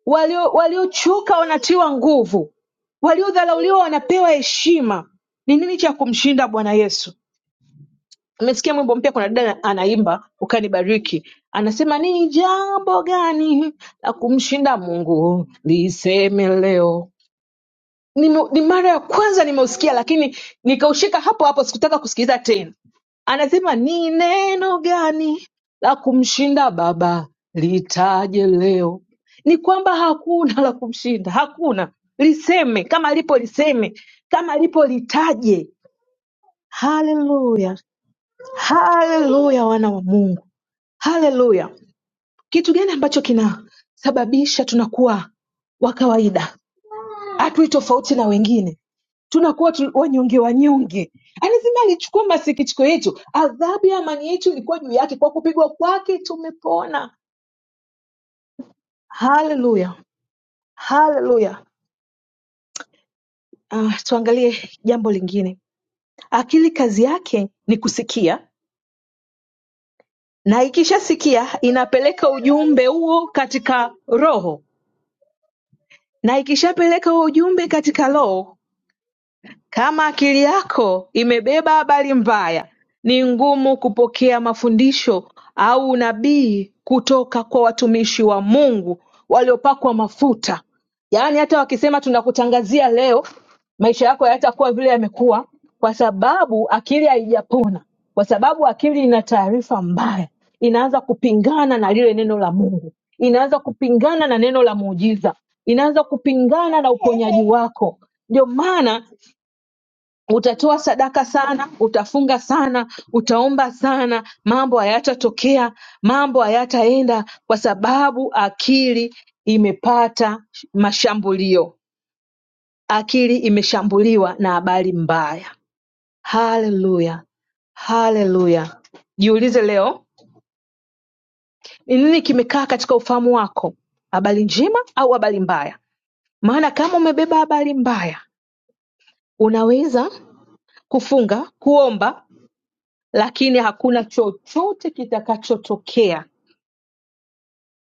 Walio waliochoka wanatiwa nguvu, waliodharauliwa wanapewa heshima. Ni nini cha kumshinda Bwana Yesu? Nimesikia mwimbo mpya, kuna dada anaimba ukanibariki, anasema ni jambo gani la kumshinda Mungu liseme leo. Ni, ni mara ya kwanza nimeusikia, lakini nikaushika hapo hapo, sikutaka kusikiliza tena. Anasema ni neno gani la kumshinda Baba litaje leo? Ni kwamba hakuna la kumshinda, hakuna. Liseme kama lipo, liseme kama lipo, litaje. Haleluya! Haleluya, wana wa Mungu, haleluya. Kitu gani ambacho kinasababisha tunakuwa wa kawaida, hatui tofauti na wengine, tunakuwa tu, wanyonge wanyonge? Anasema alichukua masikitiko yetu, adhabu ya amani yetu ilikuwa juu yake, kwa kupigwa kwake tumepona. Haleluya, haleluya. Uh, tuangalie jambo lingine. Akili kazi yake ni kusikia, na ikishasikia inapeleka ujumbe huo katika roho na ikishapeleka huo ujumbe katika lo kama akili yako imebeba habari mbaya, ni ngumu kupokea mafundisho au unabii kutoka kwa watumishi wa Mungu waliopakwa mafuta. Yaani hata wakisema tunakutangazia leo, maisha yako hayatakuwa vile yamekuwa, kwa sababu akili haijapona, kwa sababu akili ina taarifa mbaya, inaanza kupingana na lile neno la Mungu, inaanza kupingana na neno la muujiza, inaanza kupingana na uponyaji wako. Ndio maana Utatoa sadaka sana, utafunga sana, utaomba sana, mambo hayatatokea, mambo hayataenda, kwa sababu akili imepata mashambulio, akili imeshambuliwa na habari mbaya. Haleluya, haleluya! Jiulize leo, ni nini kimekaa katika ufahamu wako, habari njema au habari mbaya? Maana kama umebeba habari mbaya, unaweza kufunga, kuomba lakini hakuna chochote kitakachotokea,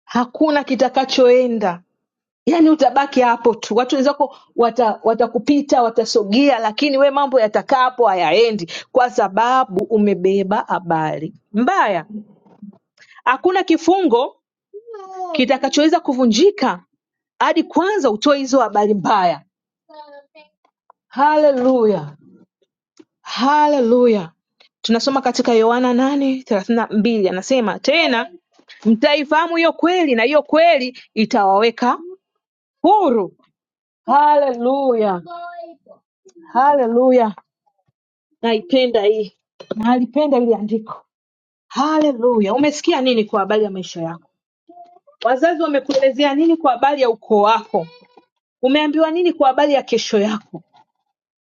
hakuna kitakachoenda. Yaani utabaki hapo tu, watu wenzako wata, watakupita watasogea, lakini we mambo yatakaa hapo, hayaendi kwa sababu umebeba habari mbaya. Hakuna kifungo kitakachoweza kuvunjika hadi kwanza utoe hizo habari mbaya. Haleluya! Haleluya. Tunasoma katika Yohana 8:32 anasema tena mtaifahamu hiyo kweli na hiyo kweli itawaweka huru. Haleluya. Haleluya. Naipenda hii. Nalipenda hili andiko. Haleluya. Umesikia nini kwa habari ya maisha yako? Wazazi wamekuelezea nini kwa habari ya ukoo wako? Umeambiwa nini kwa habari ya kesho yako?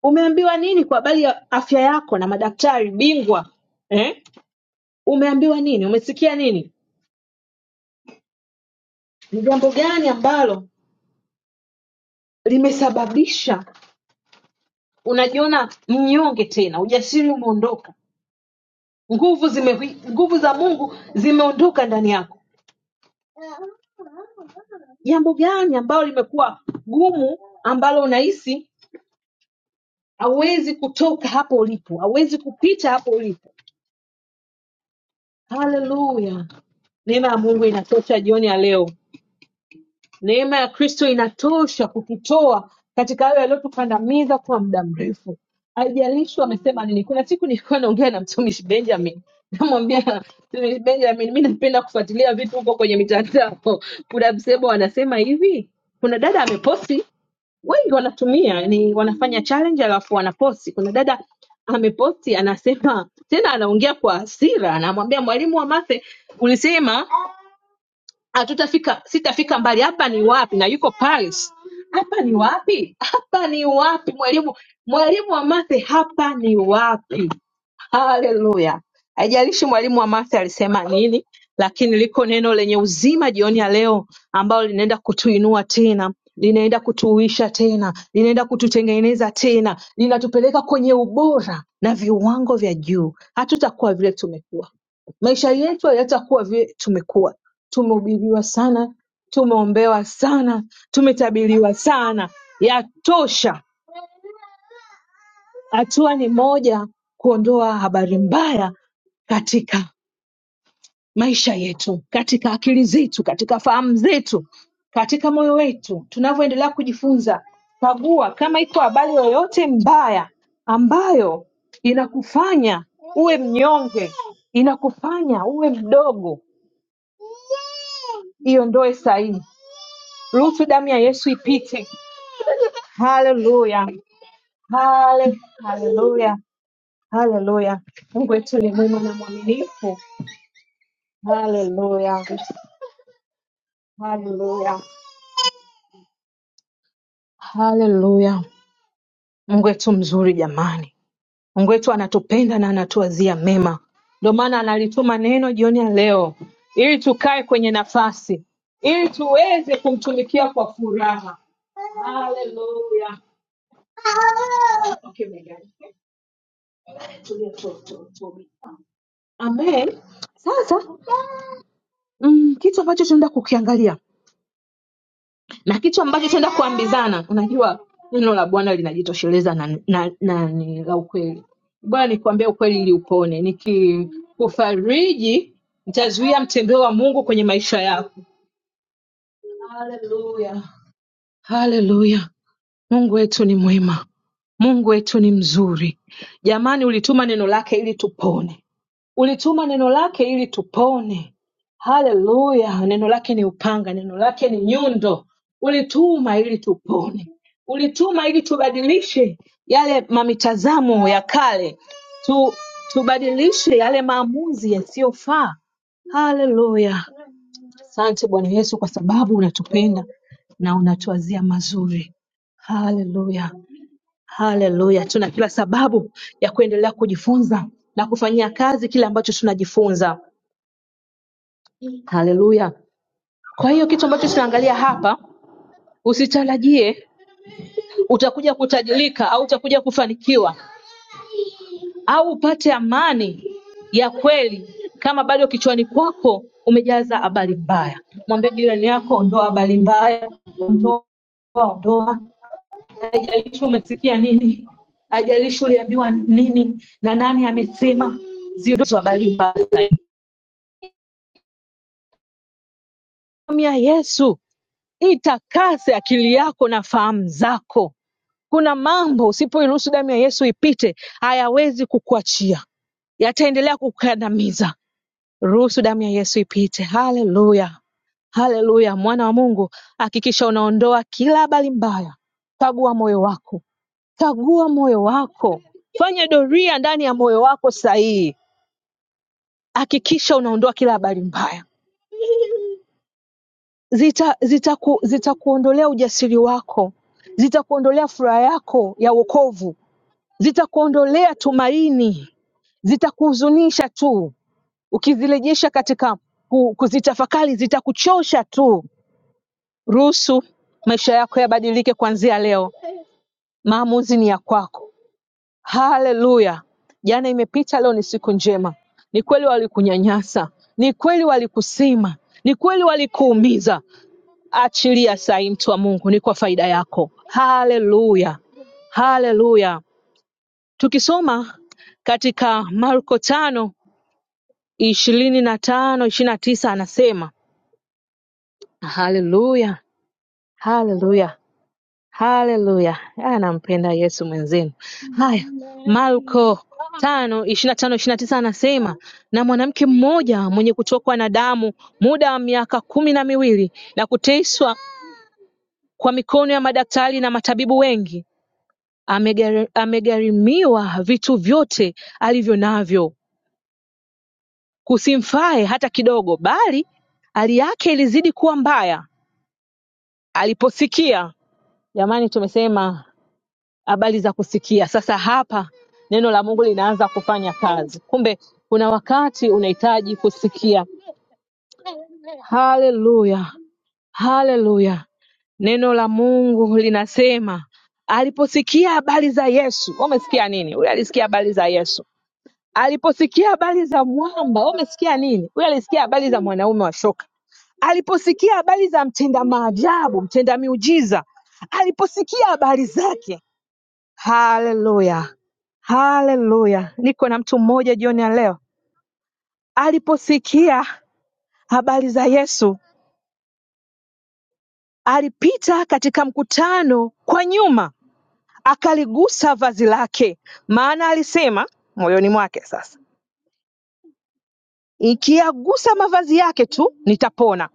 Umeambiwa nini kwa habari ya afya yako na madaktari bingwa? Eh? Umeambiwa nini? Umesikia nini? Ni jambo gani ambalo limesababisha unajiona mnyonge tena, ujasiri umeondoka, nguvu zime, nguvu za Mungu zimeondoka ndani yako? Jambo gani ambalo limekuwa gumu ambalo unahisi hauwezi kutoka hapo ulipo, hauwezi kupita hapo ulipo? Haleluya! Neema ya Mungu inatosha jioni ya leo. Neema ya Kristo inatosha kututoa katika hayo yaliyotukandamiza kwa muda mrefu. Haijalishi amesema nini. Kuna siku nilikuwa naongea na mtumishi Benjamin, namwambia mtumishi Benjamin, mi napenda kufuatilia vitu huko kwenye mitandao. Kuna msemo wanasema hivi, kuna dada ameposti, wengi wanatumia ni wanafanya challenge alafu wanaposti. Kuna dada ameposti anasema tena, anaongea kwa hasira, anamwambia mwalimu wa mathe, ulisema hatutafika sitafika mbali hapa ni wapi na yuko paris hapa ni wapi hapa ni wapi mwalimu mwalimu wa mathe hapa ni wapi Haleluya! Haijalishi mwalimu wa Martha alisema nini, lakini liko neno lenye uzima jioni ya leo ambalo linaenda kutuinua tena, linaenda kutuuisha tena, linaenda kututengeneza tena, linatupeleka kwenye ubora na viwango vya juu. Hatutakuwa vile tumekuwa, maisha yetu hayatakuwa vile tumekuwa. Tumehubiriwa sana, tumeombewa sana, tumetabiriwa sana, yatosha Hatua ni moja, kuondoa habari mbaya katika maisha yetu, katika akili zetu, katika fahamu zetu, katika moyo wetu. Tunavyoendelea kujifunza, kagua kama iko habari yoyote mbaya ambayo inakufanya uwe mnyonge, inakufanya uwe mdogo, iondoe sahihi. Ruhusu damu ya Yesu ipite. Haleluya, hale- haleluya, haleluya. Mungu wetu ni mwema na mwaminifu Haleluya, haleluya, haleluya! Mungu wetu mzuri jamani, Mungu wetu anatupenda na anatuwazia mema, ndio maana analituma neno jioni ya leo ili tukae kwenye nafasi, ili tuweze kumtumikia kwa furaha. Haleluya! Okay, my God. Tulia tu- tu- tu. Amen. Sasa mm, kitu ambacho tunaenda kukiangalia na kitu ambacho tutaenda kuambizana unajua neno la bwana linajitosheleza na, na, na ni la ukweli bwana nikuambia ukweli ili upone nikikufariji nitazuia mtembeo wa mungu kwenye maisha yako haleluya haleluya mungu wetu ni mwema mungu wetu ni mzuri jamani ulituma neno lake ili tupone ulituma neno lake ili tupone. Haleluya! Neno lake ni upanga, neno lake ni nyundo. Ulituma ili tupone, ulituma ili tubadilishe yale mamitazamo ya kale, tu, tubadilishe yale maamuzi yasiyofaa. Haleluya! Asante Bwana Yesu kwa sababu unatupenda na unatuwazia mazuri. Haleluya! Haleluya, tuna kila sababu ya kuendelea kujifunza na kufanyia kazi kile ambacho tunajifunza. Haleluya. Kwa hiyo kitu ambacho tunaangalia hapa, usitarajie utakuja kutajirika au utakuja kufanikiwa au upate amani ya kweli kama bado kichwani kwako umejaza habari mbaya. Mwambie jirani yako, ondoa habari mbaya, ondoa, ondoa. haijalishi umesikia nini, haijalishi uliambiwa nini na nani amesema, ziondoe habari mbaya. Damu ya Yesu itakase akili yako na fahamu zako. Kuna mambo usipoiruhusu damu ya Yesu ipite, hayawezi kukuachia, yataendelea kukukandamiza. Ruhusu damu ya Yesu ipite. Haleluya, haleluya! Mwana wa Mungu, hakikisha unaondoa kila habari mbaya, kagua moyo wako Kagua moyo wako, fanya doria ndani ya moyo wako sahihi, hakikisha unaondoa kila habari mbaya. Zita, zitaku, zitakuondolea ujasiri wako, zitakuondolea furaha yako ya wokovu, zitakuondolea tumaini, zitakuhuzunisha tu. Ukizirejesha katika ku- kuzitafakari, zitakuchosha tu. Ruhusu maisha yako yabadilike kuanzia leo. Maamuzi ni ya kwako. Haleluya! Jana imepita, leo ni siku njema. Ni kweli walikunyanyasa, ni kweli walikusima, ni kweli walikuumiza. Achilia sahi, mtu wa Mungu, ni kwa faida yako. Haleluya, haleluya. Tukisoma katika Marko tano ishirini na tano ishirini na tisa anasema haleluya, haleluya. Haleluya! Ah, nampenda Yesu mwenzenu. Haya, Marko tano ishirini na tano ishirini na tisa anasema na mwanamke mmoja mwenye kutokwa na damu muda wa miaka kumi na miwili na kuteswa kwa mikono ya madaktari na matabibu wengi, amegari- amegharimiwa vitu vyote alivyo navyo, kusimfae hata kidogo, bali hali yake ilizidi kuwa mbaya aliposikia. Jamani, tumesema habari za kusikia. Sasa hapa neno la Mungu linaanza kufanya kazi. Kumbe kuna wakati unahitaji kusikia. Haleluya, haleluya. Neno la Mungu linasema aliposikia habari za Yesu. Wewe Umesikia nini? Huyu alisikia habari za Yesu. Aliposikia habari za mwamba, wewe umesikia nini? Huyu alisikia habari za mwanaume wa shoka aliposikia habari za mtenda maajabu, mtenda miujiza, aliposikia habari zake Haleluya, haleluya! Niko na mtu mmoja jioni ya leo, aliposikia habari za Yesu alipita katika mkutano kwa nyuma, akaligusa vazi lake, maana alisema moyoni mwake, sasa ikiyagusa mavazi yake tu nitapona.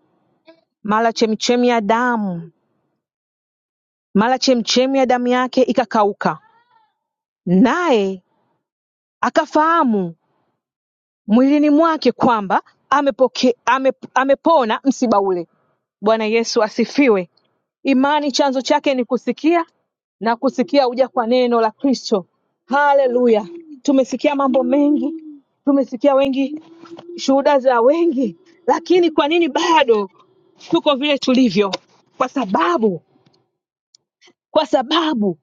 Mara chemchemi ya damu, mara chemchemi ya damu yake ikakauka, naye akafahamu mwilini mwake kwamba amepoke, ame, amepona msiba ule Bwana Yesu asifiwe. Imani chanzo chake ni kusikia na kusikia uja kwa neno la Kristo. Haleluya! Tumesikia mambo mengi, tumesikia wengi, shuhuda za wengi, lakini kwa nini bado tuko vile tulivyo? Kwa sababu, kwa sababu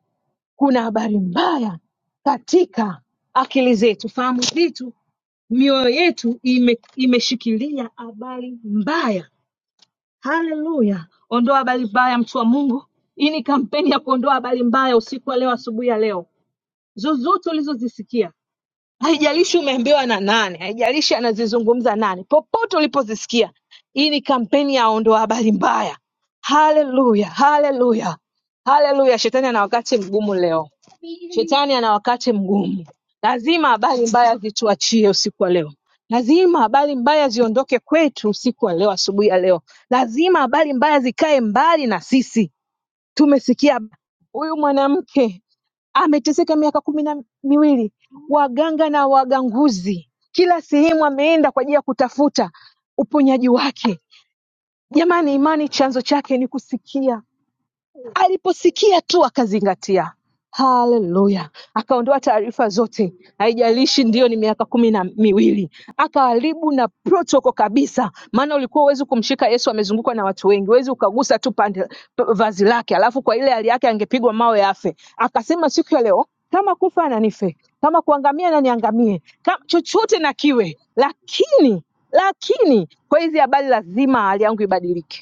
kuna habari mbaya katika akili zetu, fahamu zetu, mioyo yetu ime, imeshikilia habari mbaya Haleluya! Ondoa habari mbaya, mtu wa Mungu. Hii ni kampeni ya kuondoa habari mbaya usiku wa leo, asubuhi ya leo, zozote ulizozisikia haijalishi umeambiwa na nani, haijalishi anazizungumza nani, popote ulipozisikia, hii ni kampeni ya ondoa habari mbaya. Haleluya, haleluya, haleluya! Shetani ana wakati mgumu leo, shetani ana wakati mgumu. Lazima habari mbaya zituachie usiku wa leo, lazima habari mbaya ziondoke kwetu usiku wa leo, asubuhi ya leo, lazima habari mbaya zikae mbali na sisi. Tumesikia huyu mwanamke ameteseka miaka kumi na miwili, waganga na waganguzi kila sehemu ameenda kwa ajili ya kutafuta uponyaji wake. Jamani, imani chanzo chake ni kusikia Aliposikia tu akazingatia. Haleluya! Akaondoa taarifa zote, haijalishi ndio ni miaka kumi na miwili, akaharibu na protoko kabisa, maana ulikuwa huwezi kumshika Yesu, amezungukwa na watu wengi, huwezi ukagusa tu pande p- vazi lake, alafu kwa ile hali yake angepigwa mawe afe. Akasema siku ya leo, kama kufa na nife, kama kuangamia na niangamie, kama chochote na kiwe, lakini lakini kwa hizi habari lazima hali yangu ibadilike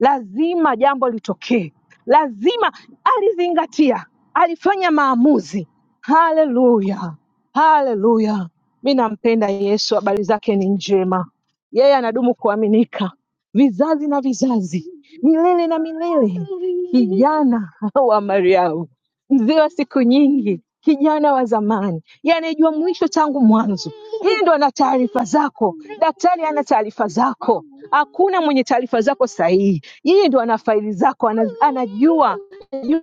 lazima jambo litokee, lazima alizingatia, alifanya maamuzi. Haleluya, haleluya! Mi nampenda Yesu, habari zake ni njema. Yeye anadumu kuaminika vizazi na vizazi, milele na milele. Kijana wa Mariamu mzee wa siku nyingi, kijana wa zamani, yanayejua mwisho tangu mwanzo. Hendo ana taarifa zako, daktari ana taarifa zako, hakuna mwenye taarifa zako sahihi. Yeye ndo ana faili zako, ana- anajua, anajua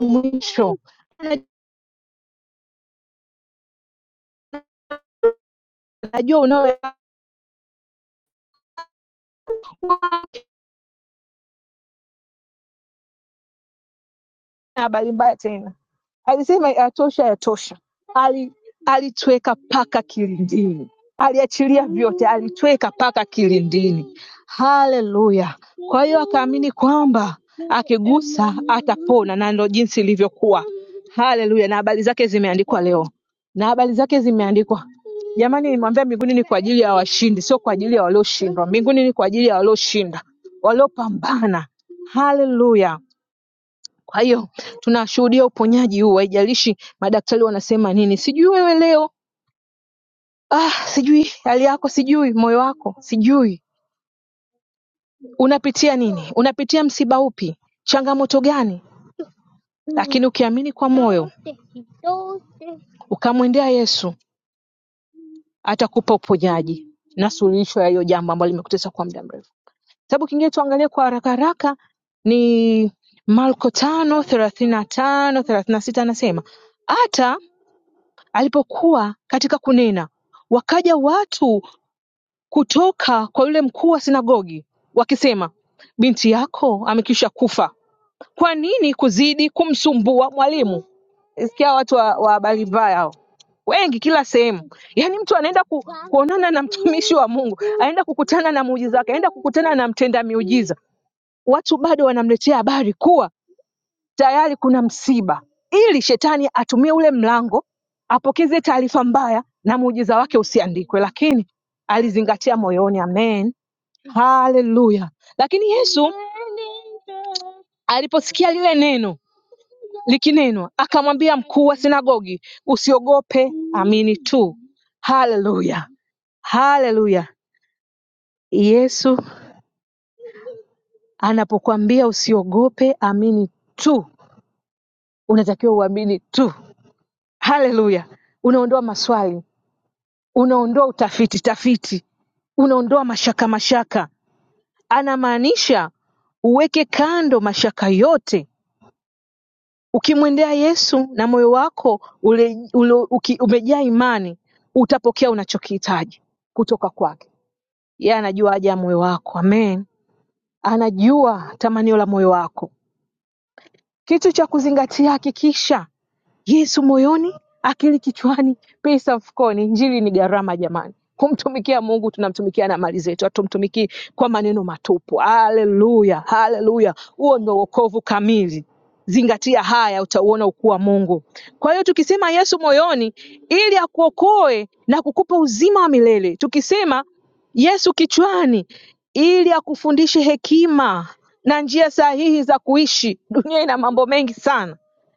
mwisho, anajua unao na habari mbaya tena. Alisema yatosha, yatosha. Ali, alitweka paka kilindini, aliachilia vyote, alitweka paka kilindini. Haleluya! Kwa hiyo akaamini kwamba akigusa atapona, na ndo jinsi ilivyokuwa. Haleluya! Na habari zake zimeandikwa leo, na habari zake zimeandikwa Jamani, nilimwambia mbinguni ni kwa ajili ya washindi, sio kwa ajili ya walioshindwa. Mbinguni ni kwa ajili ya walioshinda, waliopambana. Haleluya! Kwa hiyo tunashuhudia uponyaji huu, haijalishi madaktari wanasema nini. Sijui wewe leo ah, sijui hali yako, sijui moyo wako, sijui unapitia nini, unapitia msiba upi, changamoto gani, lakini ukiamini kwa moyo ukamwendea Yesu atakupa uponyaji na suluhisho ya hiyo jambo ambalo limekutesa kwa muda mrefu. Kitabu kingine tuangalie kwa haraka haraka ni Marko tano thelathini na tano thelathini na sita anasema hata Alipokuwa katika kunena, wakaja watu kutoka kwa yule mkuu wa sinagogi, wakisema, binti yako amekwisha kufa, kwa nini kuzidi kumsumbua mwalimu? Sikia watu wa wa habari mbaya hao wengi kila sehemu. Yaani mtu anaenda ku, kuonana na mtumishi wa Mungu, anaenda kukutana na muujiza wake, anaenda kukutana na mtenda miujiza, watu bado wanamletea habari kuwa tayari kuna msiba, ili shetani atumie ule mlango apokeze taarifa mbaya na muujiza wake usiandikwe, lakini alizingatia moyoni. Amen, haleluya. Lakini Yesu aliposikia lile neno likinenwa, akamwambia mkuu wa sinagogi, usiogope, amini tu. Haleluya, haleluya. Yesu anapokuambia usiogope, amini tu, unatakiwa uamini tu. haleluya unaondoa maswali unaondoa utafiti tafiti unaondoa mashaka mashaka anamaanisha uweke kando mashaka yote ukimwendea yesu na moyo wako ule, ule, uki, umejaa imani utapokea unachokihitaji kutoka kwake yeye anajua haja ya moyo wako amen anajua tamanio la moyo wako kitu cha kuzingatia hakikisha Yesu moyoni, akili kichwani, pesa mfukoni. Injili ni gharama jamani. Kumtumikia Mungu tunamtumikia na mali zetu, hatumtumikii kwa maneno matupu. Haleluya, haleluya! Huo ndio wokovu kamili. Zingatia haya, utauona ukuu wa Mungu. Kwa hiyo tukisema Yesu moyoni, ili akuokoe na kukupa uzima wa milele. Tukisema Yesu kichwani, ili akufundishe hekima na njia sahihi za kuishi. Dunia ina mambo mengi sana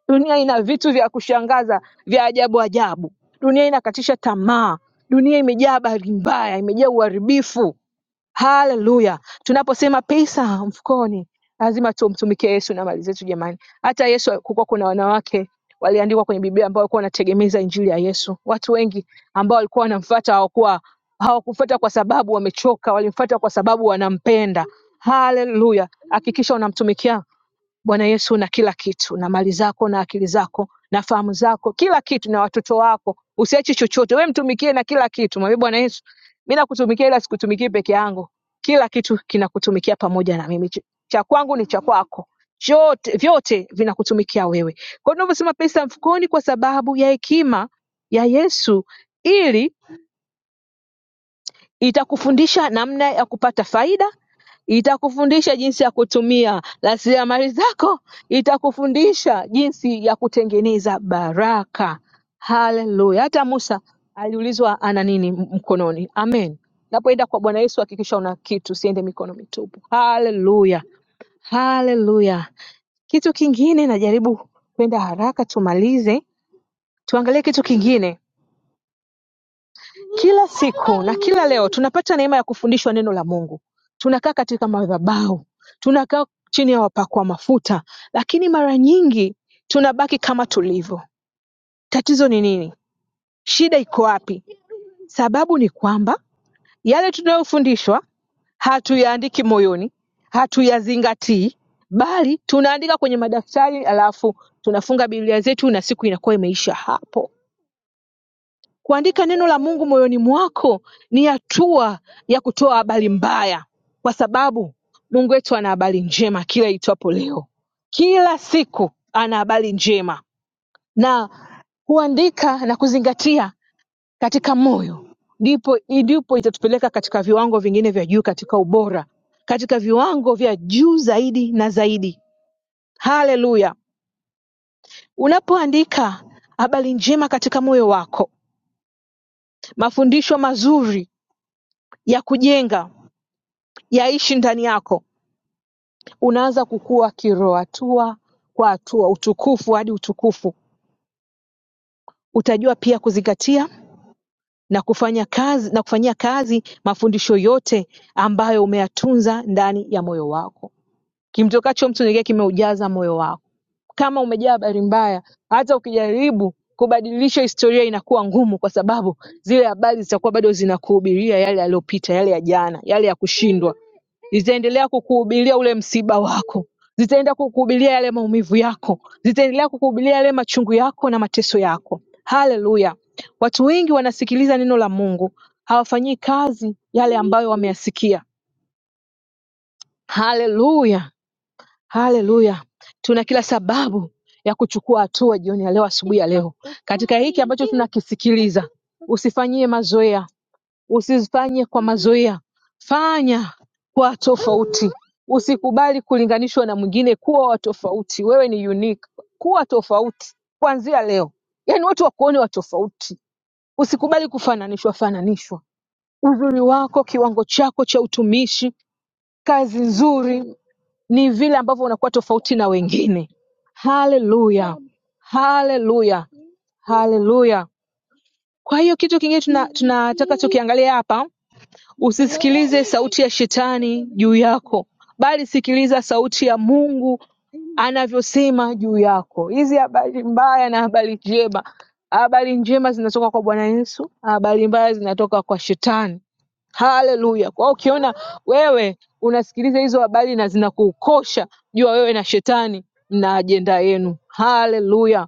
Dunia ina vitu vya kushangaza vya ajabu ajabu. Dunia inakatisha tamaa. Dunia imejaa habari mbaya, imejaa uharibifu. Haleluya! Tunaposema pesa mfukoni, lazima tumtumikie Yesu na mali zetu. Jamani, hata Yesu kulikuwa kuna wanawake waliandikwa kwenye Biblia ambao walikuwa wanategemeza injili ya Yesu. Watu wengi ambao walikuwa wanamfuata hawakuwa hawakufuata kwa sababu wamechoka, walimfuata kwa sababu wanampenda. Haleluya! Hakikisha unamtumikia Bwana Yesu una kila kitu, na mali zako na akili zako na fahamu zako, kila kitu na watoto wako, usiache chochote. Wewe mtumikie na kila kitu. Mwambie Bwana Yesu, mimi nakutumikia, ila sikutumikii peke yangu, kila kitu kinakutumikia pamoja na mimi. Ch- Cha kwangu ni cha kwako, chote vyote vinakutumikia wewe. Kwa hiyo tunavyosema pesa mfukoni, kwa sababu ya hekima ya Yesu, ili itakufundisha namna ya kupata faida itakufundisha jinsi ya kutumia rasilimali zako itakufundisha jinsi ya kutengeneza baraka haleluya hata musa aliulizwa ana nini m- mkononi amen napoenda kwa bwana yesu hakikisha una kitu siende mikono mitupu haleluya haleluya kitu kingine najaribu kwenda haraka tumalize tuangalie kitu kingine Kila siku na kila leo tunapata neema ya kufundishwa neno la Mungu. Tunakaa katika madhabahu, tunakaa chini ya wapakwa mafuta, lakini mara nyingi tunabaki kama tulivyo. Tatizo ni nini? Shida iko wapi? Sababu ni kwamba yale tunayofundishwa hatuyaandiki moyoni, hatuyazingatii, bali tunaandika kwenye madaftari, alafu tunafunga Biblia zetu na siku inakuwa imeisha hapo. Kuandika neno la Mungu moyoni mwako ni hatua ya kutoa habari mbaya, kwa sababu Mungu wetu ana habari njema kila itwapo leo. Kila siku ana habari njema, na kuandika na kuzingatia katika moyo ndipo ndipo itatupeleka katika viwango vingine vya juu, katika ubora, katika viwango vya juu zaidi na zaidi. Haleluya! Unapoandika habari njema katika moyo wako, mafundisho mazuri ya kujenga yaishi ndani yako unaanza kukua kiroho hatua kwa hatua utukufu hadi utukufu utajua pia kuzingatia na kufanya kazi na kufanyia kazi mafundisho yote ambayo umeyatunza ndani ya moyo wako Kimtokacho mtu ni kile kimeujaza moyo wako. Kama umejaa habari mbaya, hata ukijaribu kubadilisha historia inakuwa ngumu, kwa sababu zile habari zitakuwa bado zinakuhubiria yale yaliyopita, yale ya jana, yale ya kushindwa. Zitaendelea kukuhubiria ule msiba wako, zitaenda kukuhubiria yale maumivu yako, zitaendelea kukuhubiria yale machungu yako na mateso yako. Haleluya! Watu wengi wanasikiliza neno la Mungu, hawafanyii kazi yale ambayo wameyasikia. Haleluya! Haleluya! Tuna kila sababu ya kuchukua hatua jioni ya leo, asubuhi ya leo, katika hiki ambacho tunakisikiliza. Usifanyie mazoea, usifanye kwa mazoea, fanya kwa tofauti. Usikubali kulinganishwa na mwingine, kuwa wa tofauti. Wewe ni unique, kuwa tofauti kuanzia leo, yaani watu wakuone wa tofauti. Usikubali kufananishwa fananishwa. Uzuri wako, kiwango chako cha utumishi, kazi nzuri ni vile ambavyo unakuwa tofauti na wengine haleluya haleluya haleluya kwa hiyo kitu kingine tuna- tunataka tuna, tukiangalia hapa Usisikilize sauti ya Shetani juu yako, bali sikiliza sauti ya Mungu anavyosema juu yako. Hizi habari mbaya na habari njema. Habari njema zinatoka kwa Bwana Yesu, habari mbaya zinatoka kwa Shetani. Haleluya! Kwa hiyo ukiona wewe unasikiliza hizo habari na zinakuukosha, jua wewe na Shetani mna ajenda yenu. Haleluya!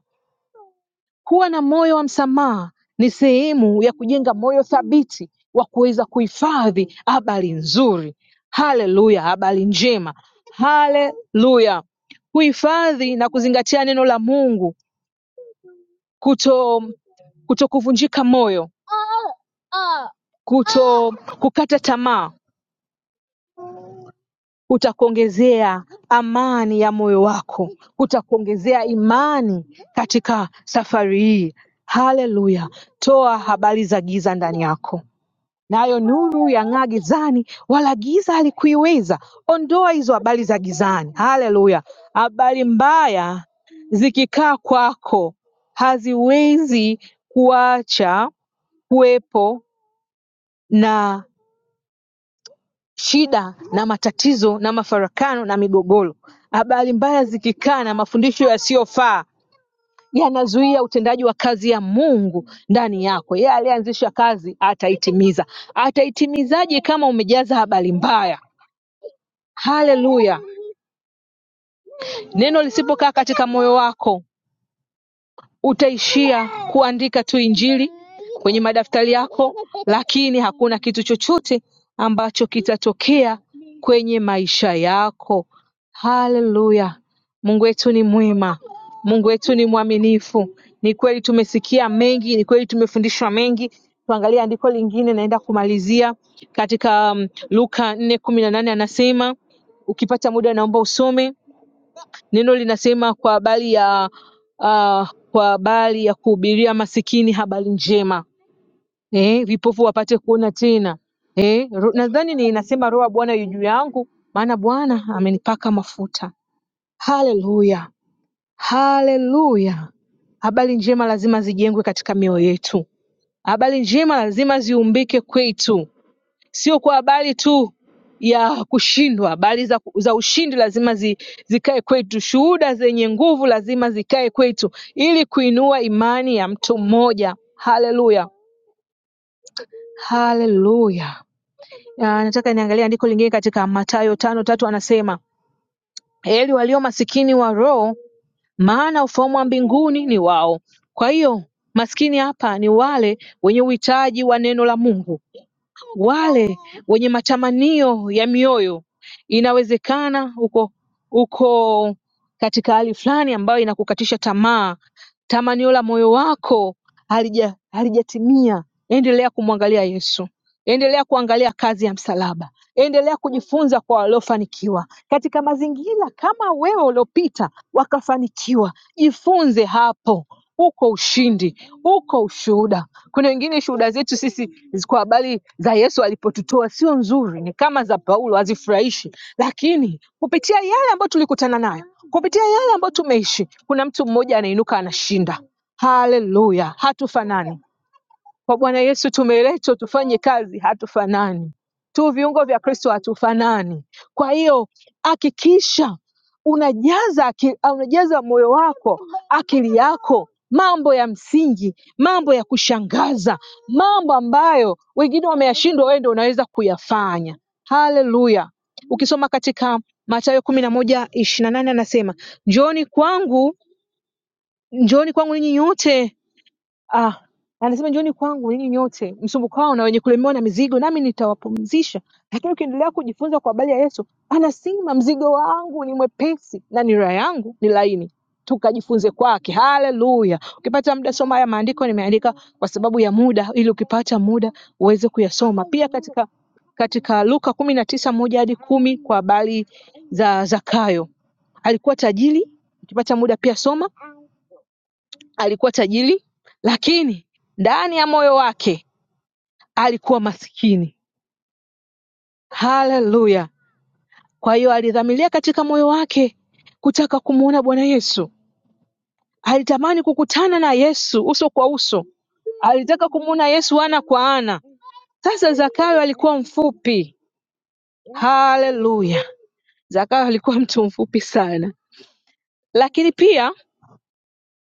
Kuwa na moyo wa msamaha ni sehemu ya kujenga moyo thabiti wa kuweza kuhifadhi habari nzuri. Haleluya, habari njema. Haleluya. Kuhifadhi na kuzingatia neno la Mungu, kuto kuto kuvunjika moyo, kuto kukata tamaa, kutakuongezea amani ya moyo wako, kutakuongezea imani katika safari hii. Haleluya! Toa habari za giza ndani yako, nayo nuru yang'aa gizani, wala giza halikuiweza. Ondoa hizo habari za gizani, haleluya. Habari mbaya zikikaa kwako haziwezi kuacha kuwepo na shida na matatizo na mafarakano na migogoro. Habari mbaya zikikaa na mafundisho yasiyofaa yanazuia utendaji wa kazi ya Mungu ndani yako. Yeye aliyeanzisha kazi ataitimiza. Ataitimizaje kama umejaza habari mbaya? Haleluya! Neno lisipokaa katika moyo wako, utaishia kuandika tu Injili kwenye madaftari yako, lakini hakuna kitu chochote ambacho kitatokea kwenye maisha yako. Haleluya! Mungu wetu ni mwema, Mungu wetu ni mwaminifu. Ni kweli tumesikia mengi, ni kweli tumefundishwa mengi. Tuangalie andiko lingine, naenda kumalizia katika um, Luka nne kumi na nane anasema ukipata muda naomba usome Neno linasema kwa habari ya ah, kwa habari ya kuhubiria masikini habari njema eh, vipofu wapate kuona tena eh, ro- nadhani ni inasema roho ya Bwana yu juu yangu, maana Bwana amenipaka mafuta. Haleluya, haleluya! Habari njema lazima zijengwe katika mioyo yetu, habari njema lazima ziumbike kwetu sio kwa habari tu ya kushindwa, habari za, za ushindi lazima zi, zikae kwetu. Shuhuda zenye nguvu lazima zikae kwetu ili kuinua imani ya mtu mmoja. Haleluya, haleluya. Ah, Nataka niangalie andiko lingine katika Mathayo tano tatu, anasema heri walio masikini wa roho, maana ufalme wa mbinguni ni wao. Kwa hiyo maskini hapa ni wale wenye uhitaji wa neno la Mungu wale wenye matamanio ya mioyo. Inawezekana uko uko katika hali fulani ambayo inakukatisha tamaa, tamanio la moyo wako halija halijatimia. Endelea kumwangalia Yesu, endelea kuangalia kazi ya msalaba endelea kujifunza kwa waliofanikiwa katika mazingira kama wewe uliopita wakafanikiwa. Jifunze hapo, uko ushindi, uko ushuhuda. Kuna wengine shuhuda zetu sisi zi- kwa habari za Yesu alipotutoa sio nzuri, ni kama za Paulo, hazifurahishi, lakini kupitia yale ambayo tulikutana nayo, kupitia yale ambayo tumeishi, kuna mtu mmoja anainuka anashinda. Haleluya, hatufanani kwa Bwana Yesu tumeletwa tufanye kazi, hatufanani tu, viungo vya Kristo hatufanani. Kwa hiyo hakikisha unajaza aki, au unajaza moyo wako, akili yako mambo ya msingi, mambo ya kushangaza, mambo ambayo wengine wameyashindwa, wewe ndio unaweza kuyafanya. Haleluya! Ukisoma katika Mathayo kumi na moja ishirini na nane anasema, njooni kwangu, njooni kwangu ninyi nyote Ah, anasema njooni kwangu ninyi nyote msumbukao na wenye kulemewa na mizigo, nami nitawapumzisha. Lakini ukiendelea kujifunza kwa habari ya Yesu, anasema mzigo wangu ni mwepesi na nira yangu ni laini. Tukajifunze kwake. Haleluya! Ukipata muda, soma haya maandiko. Nimeandika kwa sababu ya muda, ili ukipata muda uweze kuyasoma pia katika katika Luka kumi na tisa moja hadi kumi kwa habari za Zakayo. Alikuwa tajiri, ukipata muda pia soma Alikuwa tajiri lakini ndani ya moyo wake alikuwa maskini. Haleluya! Kwa hiyo alidhamiria katika moyo wake kutaka kumwona Bwana Yesu. Alitamani kukutana na Yesu uso kwa uso, alitaka kumwona Yesu ana kwa ana. Sasa Zakayo alikuwa mfupi. Haleluya! Zakayo alikuwa mtu mfupi sana, lakini pia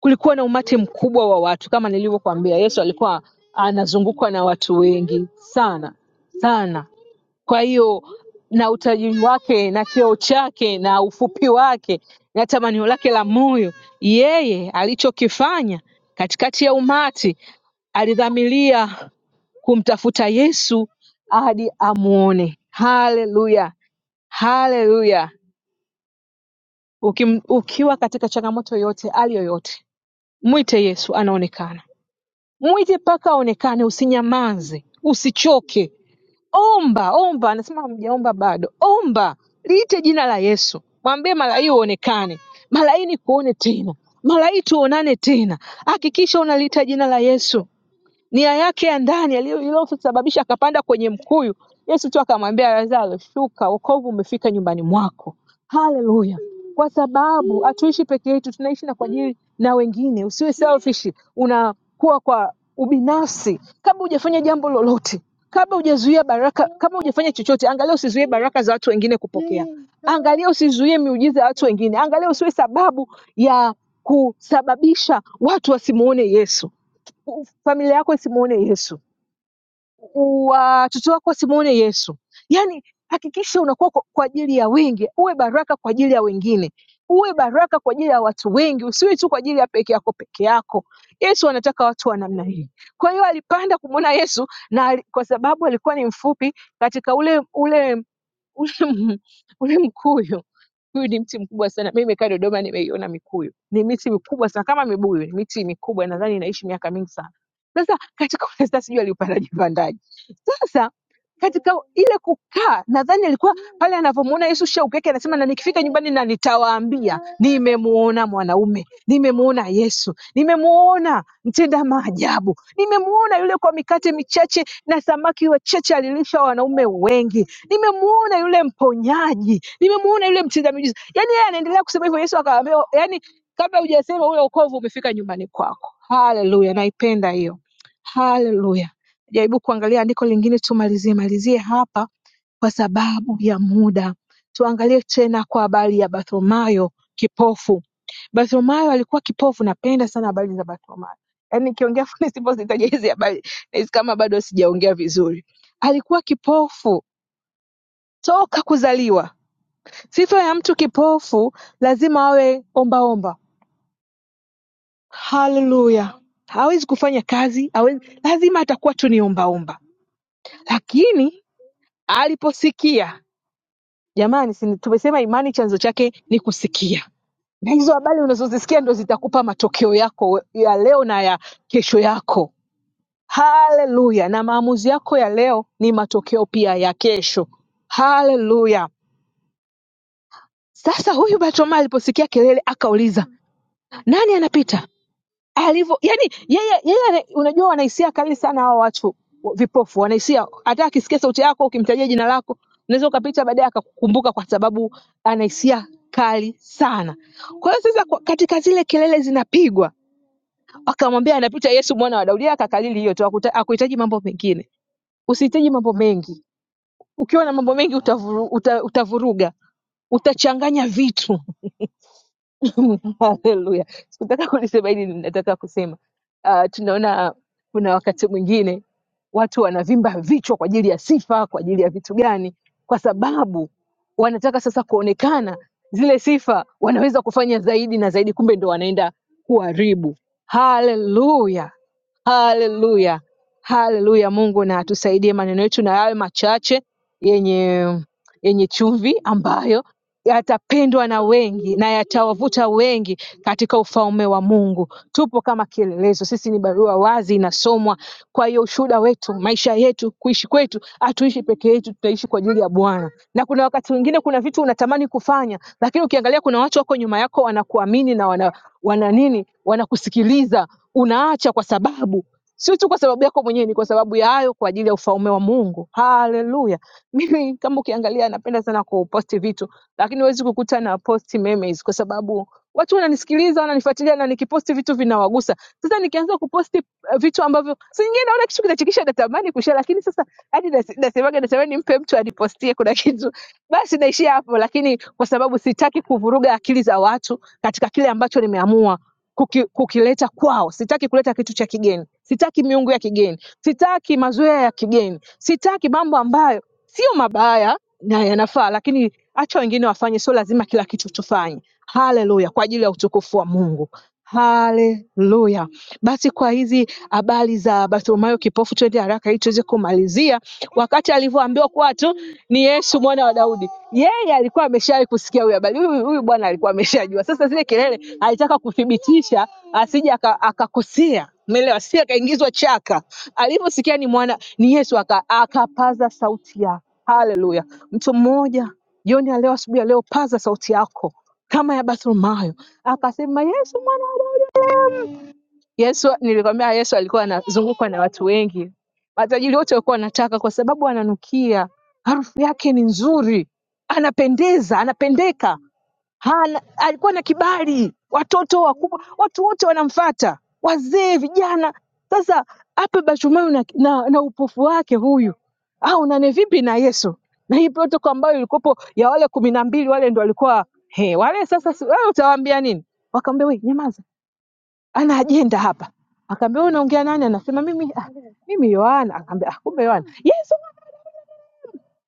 kulikuwa na umati mkubwa wa watu kama nilivyokuambia yesu alikuwa anazungukwa na watu wengi sana sana kwa hiyo na utajiri wake na cheo chake na ufupi wake na tamanio lake la moyo yeye alichokifanya katikati ya umati alidhamiria kumtafuta yesu hadi amwone haleluya haleluya Ukim- ukiwa katika changamoto yote hali yoyote mwite yesu anaonekana Mwite paka aonekane usinyamaze usichoke omba omba anasema hamjaomba bado omba liite jina la Yesu mwambie malai uonekane malai nikuone tena malai tuonane tena hakikisha unaliita jina la Yesu nia yake ya ndani aliyo- iliyosababisha akapanda kwenye mkuyu. Yesu tu akamwambia Lazaro, shuka, wokovu umefika nyumbani mwako. Haleluya! Kwa sababu hatuishi peke yetu, tunaishi na kwa ajili na wengine. Usiwe selfish, unakuwa kwa ubinafsi. Kabla hujafanya jambo lolote, kabla hujazuia baraka, kabla hujafanya chochote, angalia usizuie baraka za watu wengine kupokea. Angalia usizuie miujiza ya watu wengine. Angalia usiwe sababu ya kusababisha watu wasimuone Yesu. o familiar com esse Simone é isso. watoto wako wasimuone Yesu. Yaani hakikisha unakuwa kwa, kwa ajili ya wengi, uwe baraka kwa ajili ya wengine, uwe baraka kwa ajili ya watu wengi, usiwe tu kwa ajili ya peke yako peke yako. Yesu anataka watu wa namna hii. Kwa hiyo alipanda kumwona Yesu na ali- kwa sababu alikuwa ni mfupi katika ule ule ule, m- ule mkuyu huyu ni mti mkubwa sana. Mimi nimekaa Dodoma, nimeiona mikuyu, ni miti mikubwa sana kama mibuyu, ni miti mikubwa, nadhani inaishi miaka mingi sana. Sasa katika sasa, sijui aliupandaje pandaje sasa katika ile kukaa, nadhani alikuwa pale anavyomuona Yesu shauku yake, anasema na nikifika nyumbani na nitawaambia nimemuona mwanaume, nimemuona Yesu, nimemuona mtenda maajabu, nimemuona yule kwa mikate michache na samaki wachache alilisha wanaume wengi, nimemuona yule mponyaji, nimemuona yule mtenda miujiza. Yani yeye anaendelea kusema hivyo, Yesu akamwambia, yani kabla hujasema ule wokovu umefika nyumbani kwako. Haleluya, naipenda hiyo. Haleluya jaribu kuangalia andiko lingine tumalizie malizie hapa kwa sababu ya muda. Tuangalie tena kwa habari ya Bartholomayo kipofu. Bartholomayo alikuwa kipofu. Napenda sana habari za Bartholomayo, yaani nikiongea nisipozitaja hizi habari nahisi kama bado sijaongea vizuri. Alikuwa kipofu toka kuzaliwa. Sifa ya mtu kipofu lazima awe ombaomba. Haleluya! Hawezi kufanya kazi, hawezi, lazima atakuwa tu ni ombaomba, lakini aliposikia jamani si tumesema imani chanzo chake ni kusikia na hizo habari unazozisikia ndo zitakupa matokeo yako we- ya leo na ya kesho yako haleluya na maamuzi yako ya leo ni matokeo pia ya kesho haleluya sasa huyu batoma aliposikia kelele akauliza nani anapita alivyo yani yeye yeye ana- unajua wanahisia kali sana hawa watu wa- vipofu wanahisia hata akisikia sauti yako ukimtajia jina lako unaweza ukapita baadaye akakukumbuka kwa sababu anahisia kali sana kwa hiyo sasa kwa- katika zile kelele zinapigwa akamwambia anapita yesu mwana wa daudi Yeye akakalili hiyo tu hakuta- hakuhitaji mambo mengine usihitaji mambo mengi ukiwa na mambo mengi utavuru, uta, utavuruga utachanganya vitu Haleluya. Sikutaka kulisema hili, nataka kusema uh, tunaona kuna wakati mwingine watu wanavimba vichwa kwa ajili ya sifa, kwa ajili ya vitu gani? Kwa sababu wanataka sasa kuonekana zile sifa wanaweza kufanya zaidi na zaidi, kumbe ndo wanaenda kuharibu. Haleluya, haleluya, haleluya! Mungu na atusaidie, maneno yetu na yawe machache yenye yenye chumvi ambayo yatapendwa na wengi na yatawavuta wengi katika ufalme wa Mungu. Tupo kama kielelezo, sisi ni barua wazi, inasomwa. Kwa hiyo ushuhuda wetu, maisha yetu, kuishi kwetu, hatuishi peke yetu, tutaishi kwa ajili ya Bwana. Na kuna wakati mwingine, kuna vitu unatamani kufanya, lakini ukiangalia kuna watu wako nyuma yako wanakuamini na wana, wana nini, wanakusikiliza, unaacha kwa sababu sio tu kwa sababu yako mwenyewe, ni kwa sababu ya hayo, kwa ajili ya ufalme wa Mungu. Haleluya! Mimi kama ukiangalia, napenda sana kuposti vitu lakini huwezi kukuta na posti memes kwa sababu watu wananisikiliza wananifuatilia na nikiposti vitu vinawagusa sasa nikianza kuposti eh, vitu ambavyo si nyingine naona kitu kinachekisha natamani kushare lakini sasa hadi nas- nasemaga natamani mpe mtu anipostie kuna kitu basi naishia hapo lakini kwa sababu sitaki kuvuruga akili za watu katika kile ambacho nimeamua kuki, kukileta kwao sitaki kuleta kitu cha kigeni sitaki miungu ya kigeni sitaki mazoea ya kigeni sitaki mambo ambayo sio mabaya na yanafaa, lakini acha wengine wafanye, sio lazima kila kitu tufanye. Haleluya, kwa ajili ya utukufu wa Mungu. Haleluya! Basi kwa hizi habari za Bartimayo kipofu, twende haraka ili tuweze kumalizia. Wakati alivyoambiwa kuwa tu ni Yesu mwana wa Daudi, yeye alikuwa ameshawahi kusikia huyu habari. Huyu huyu bwana alikuwa ameshajua. Sasa zile kelele alitaka kuthibitisha, asije aka- akakosea Umeelewa? Si akaingizwa chaka. Alivyosikia ni mwana ni Yesu aka, akapaza sauti yake Haleluya. Mtu mmoja jioni ya leo, asubuhi ya leo, paza sauti yako kama ya Bartimayo akasema, Yesu mwana wa Daudi. Yesu, nilikwambia Yesu alikuwa anazungukwa na watu wengi, matajiri wote walikuwa wanataka, kwa sababu ananukia, harufu yake ni nzuri, anapendeza, anapendeka. Hala, alikuwa na kibali, watoto wakubwa, watu wote wanamfata, wazee, vijana. Sasa ape Bartimayo na, na, na upofu wake huyu aonane vipi na Yesu? Na hii protokol ambayo ilikopo ya wale kumi na mbili wale ndo walikuwa he, wale sasa si- wale utawaambia nini? Wakamwambia we, nyamaza, ana ajenda hapa. Akaambia wewe unaongea nani? Anasema mimi ah, mimi Yohana. Akaambia ah, kumbe Yohana. Yesu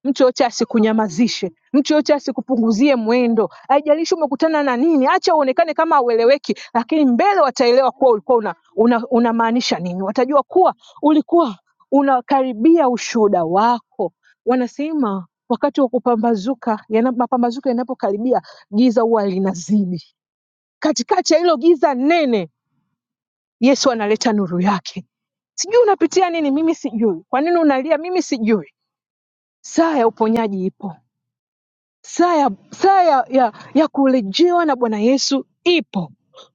Mtu yoyote asikunyamazishe, mtu yoyote asikupunguzie mwendo. Haijalishi umekutana na nini, acha uonekane kama haueleweki, lakini mbele wataelewa kuwa ulikuwa una, una, unamaanisha nini. Watajua kuwa ulikuwa unakaribia ushuhuda wako. Wanasema wakati wa kupambazuka, yana- mapambazuko yanapokaribia, giza huwa linazidi. Katikati ya hilo giza nene, Yesu analeta nuru yake. Sijui unapitia nini, mimi sijui. Kwa nini unalia, mimi sijui. Saa ya uponyaji ipo Saa ya saa ya- ya ya kurejewa na Bwana Yesu ipo.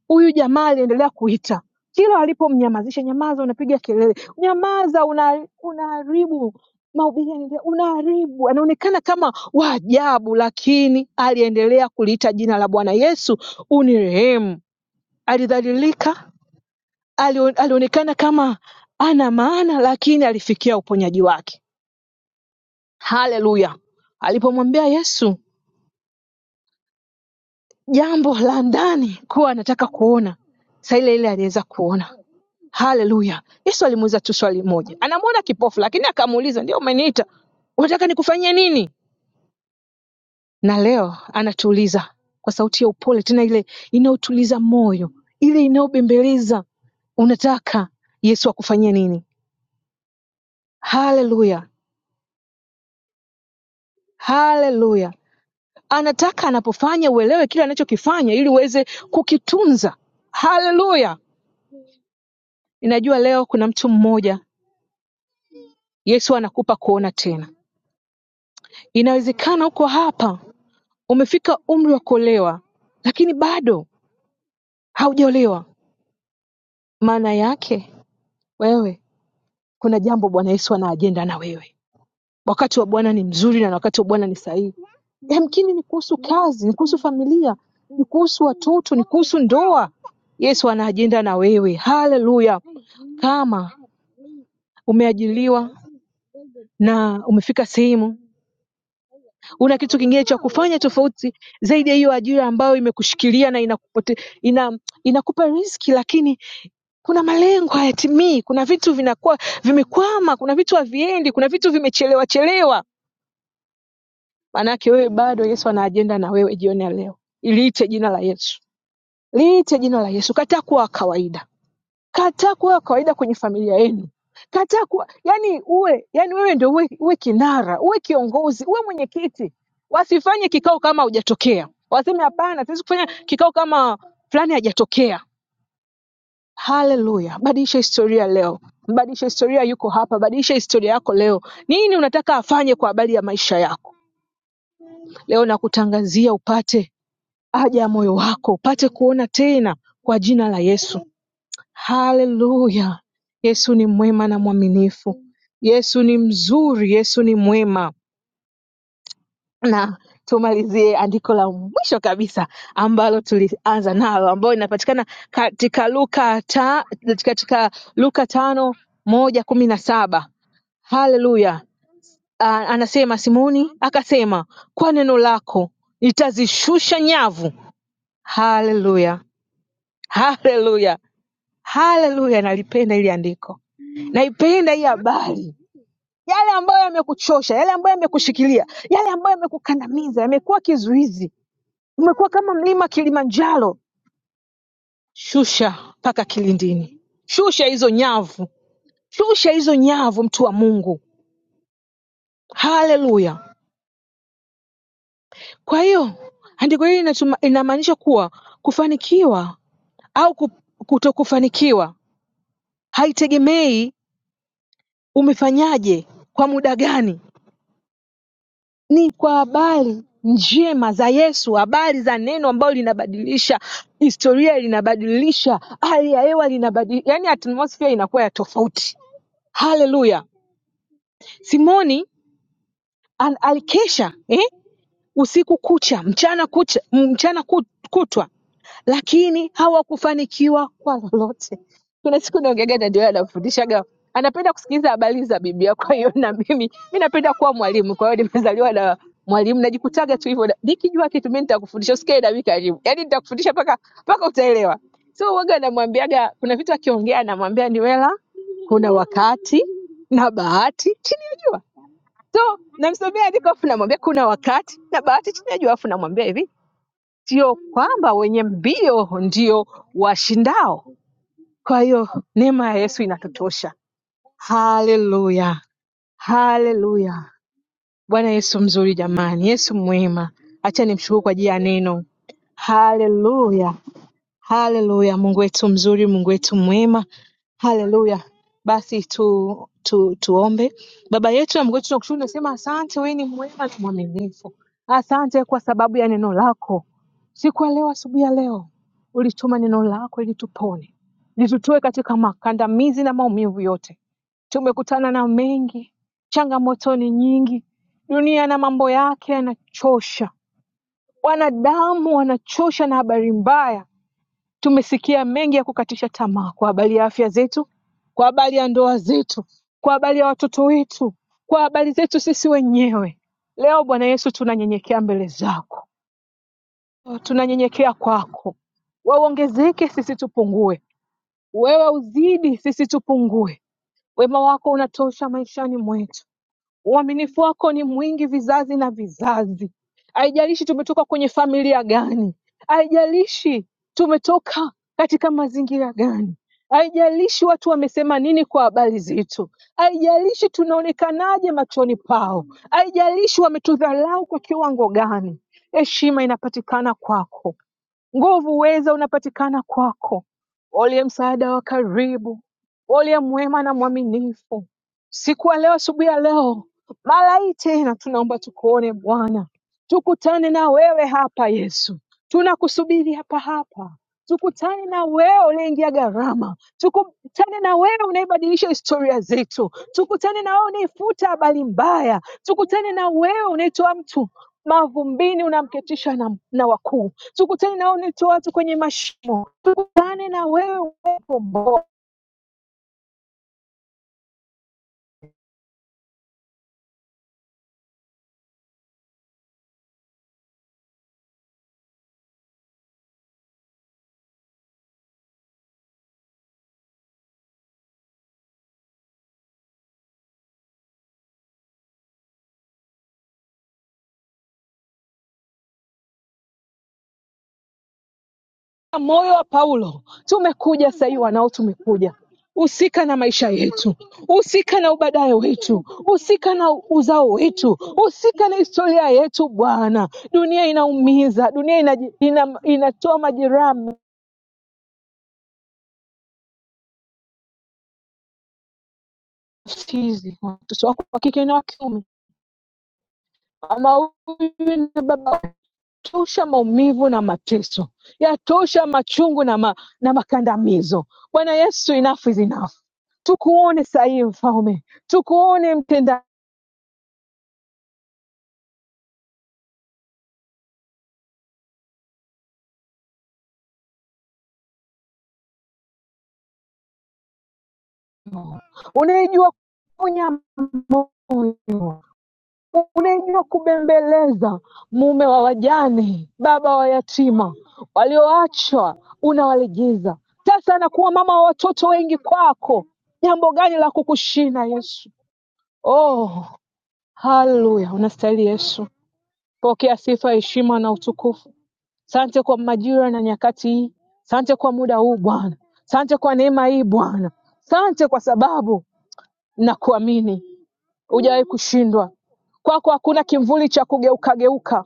Huyu jamaa aliendelea kuita kila alipomnyamazisha, nyamaza, unapiga kelele, nyamaza, una- unaharibu mahubiri, yanaendelea, unaharibu. Anaonekana kama wa ajabu, lakini aliendelea kuliita jina la Bwana Yesu, unirehemu. Alidhalilika, alio- alionekana kama ana maana, lakini alifikia uponyaji wake. Haleluya! Alipomwambia Yesu jambo la ndani kuwa anataka kuona saa ile ile aliweza kuona haleluya yesu alimuuliza tu swali moja anamwona kipofu lakini akamuuliza ndio umeniita unataka nikufanyie nini na leo anatuuliza kwa sauti ya upole tena ile inayotuliza moyo ile inayobembeleza unataka yesu akufanyie nini haleluya haleluya anataka anapofanya uelewe kile anachokifanya ili uweze kukitunza haleluya ninajua leo kuna mtu mmoja Yesu anakupa kuona tena. Inawezekana uko hapa umefika umri wa kuolewa, lakini bado haujaolewa. Maana yake wewe, kuna jambo Bwana Yesu ana ajenda na wewe. Wakati wa Bwana ni mzuri na wakati wa Bwana ni sahihi. Yamkini ni kuhusu kazi, ni kuhusu familia, ni kuhusu watoto, ni kuhusu ndoa. Yesu ana ajenda na wewe. Haleluya! Kama umeajiliwa na umefika sehemu una kitu kingine cha kufanya tofauti zaidi ya hiyo ajira ambayo imekushikilia na inakupote, ina, inakupa riski lakini kuna malengo hayatimii kuna vitu vinakuwa vimekwama kuna vitu haviendi kuna vitu vimechelewa chelewa maanake wewe bado yesu ana ajenda na wewe jioni ya leo iliite jina la yesu liite jina la yesu kataa kuwa wa kawaida Kataa kuwa wa kawaida kwenye familia yenu. Kataa kuwa yani, uwe yani, wewe ndio uwe, uwe kinara, uwe kiongozi, uwe mwenyekiti. Wasifanye kikao kama hujatokea, waseme hapana, tuwezi kufanya kikao kama fulani hajatokea. Haleluya! Badilisha historia leo, mbadilisha historia yuko hapa, badilisha historia yako leo. Nini unataka afanye kwa habari ya maisha yako leo? Nakutangazia upate haja ya moyo wako, upate kuona tena kwa jina la Yesu. Haleluya! Yesu ni mwema na mwaminifu. Yesu ni mzuri, Yesu ni mwema. Na tumalizie andiko la mwisho kabisa ambalo tulianza nalo, ambayo inapatikana katika Luka ta, katika Luka tano moja kumi na saba. Haleluya! Ah, Anasema Simoni akasema, kwa neno lako nitazishusha nyavu. Haleluya, haleluya! Haleluya, nalipenda hili andiko, naipenda hii habari. Yale ambayo yamekuchosha, yale ambayo yamekushikilia, yale ambayo yamekukandamiza, yamekuwa kizuizi, umekuwa kama mlima Kilimanjaro, shusha mpaka kilindini, shusha hizo nyavu, shusha hizo nyavu, mtu wa Mungu. Haleluya! Kwa hiyo andiko hili linatuma- linamaanisha kuwa kufanikiwa au ku- kutokufanikiwa haitegemei umefanyaje kwa muda gani ni kwa habari njema za Yesu, habari za neno ambalo linabadilisha historia, linabadilisha hali ya hewa, linabadilisha yani atmosphere inakuwa ya tofauti. Haleluya! Simoni an- alikesha eh? usiku kucha, mchana kucha, mchana ku- kutwa, lakini hawakufanikiwa kwa lolote. Kuna siku niongeaga na ndio anafundishaga, anapenda kusikiliza habari za Biblia. Kwa hiyo na mimi mi napenda kuwa mwalimu, kwa hiyo nimezaliwa na mwalimu, najikutaga tu hivyo, na- nikijua kitu mi nitakufundisha, usikae na mimi karibu, yaani nitakufundisha mpaka mpaka utaelewa. So waga namwambiaga, kuna vitu akiongea anamwambia Niwela, kuna wakati na bahati, si nilijua So namsomea andiko afu namwambia kuna wakati na bahati chanya juu, afu namwambia hivi, sio kwamba wenye mbio ndio washindao. Kwa hiyo neema ya Yesu inatutosha. Haleluya, haleluya! Bwana Yesu mzuri jamani, Yesu mwema, acha nimshukuru kwa ajili ya neno. Haleluya, Haleluya, Mungu wetu mzuri, Mungu wetu mwema. Haleluya. Basi tu, tu tuombe. Baba yetu na Mungu wetu, tunakushukuru, tunasema asante, wewe ni mwema na mwaminifu. Asante kwa sababu ya neno lako. Siku ya leo, asubuhi ya leo, ulituma neno lako ili tupone, litutoe katika makandamizi na maumivu yote. Tumekutana na mengi, changamoto ni nyingi, dunia na mambo yake yanachosha, wanadamu wanachosha na habari mbaya Tumesikia mengi ya kukatisha tamaa kwa habari ya afya zetu, kwa habari ya ndoa zetu, kwa habari ya watoto wetu, kwa habari zetu sisi wenyewe. Leo Bwana Yesu, tunanyenyekea mbele zako, tunanyenyekea kwako. Wauongezeke sisi tupungue, wewe uzidi sisi tupungue. Wema wako unatosha maishani mwetu. Uaminifu wako ni mwingi vizazi na vizazi. Haijalishi tumetoka kwenye familia gani, haijalishi tumetoka katika mazingira gani, haijalishi watu wamesema nini kwa habari zetu, haijalishi tunaonekanaje machoni pao, haijalishi wametudharau kwa kiwango gani, heshima inapatikana kwako Nguvu, uweza unapatikana kwako, uliye msaada wa karibu, uliye mwema na mwaminifu. Siku ya leo, asubuhi ya leo, mara hii tena tunaomba tukuone Bwana, tukutane na wewe hapa Yesu, tunakusubiri hapa hapa tukutane na wewe unaingia gharama, tukutane na wewe unaibadilisha historia zetu, tukutane na wewe unaifuta habari mbaya, tukutane na wewe unaitoa mtu mavumbini unamketisha na, na wakuu tukutane na nitoa watu kwenye mashimo, tukutane na wewe uwepo bora. Moyo wa Paulo, tumekuja sahii wanao, tumekuja husika na maisha yetu, husika na ubadaye wetu, husika na uzao wetu, husika na historia yetu. Bwana, dunia inaumiza, dunia inaji- ina, inatoa majeraha mfizi, watoto wako wa kike na wa kiume, mama huyu na baba Yatosha maumivu na mateso, yatosha machungu na, ma, na makandamizo. Bwana Yesu, enough is enough. Tukuone sahihi Mfalme, tukuone mtenda, unayejua kuponya moyo, unayejua kubembeleza, mume wa wajane, baba wa yatima, walioachwa unawalegeza. Sasa anakuwa mama wa watoto wengi kwako. Jambo gani la kukushinda Yesu? Oh, haleluya! Unastahili Yesu. Pokea sifa, heshima na utukufu. Sante kwa majira na nyakati hii. Sante kwa muda huu Bwana. Sante kwa neema hii Bwana. Sante kwa sababu na kuamini hujawahi kushindwa. Kwako hakuna kimvuli cha kugeukageuka.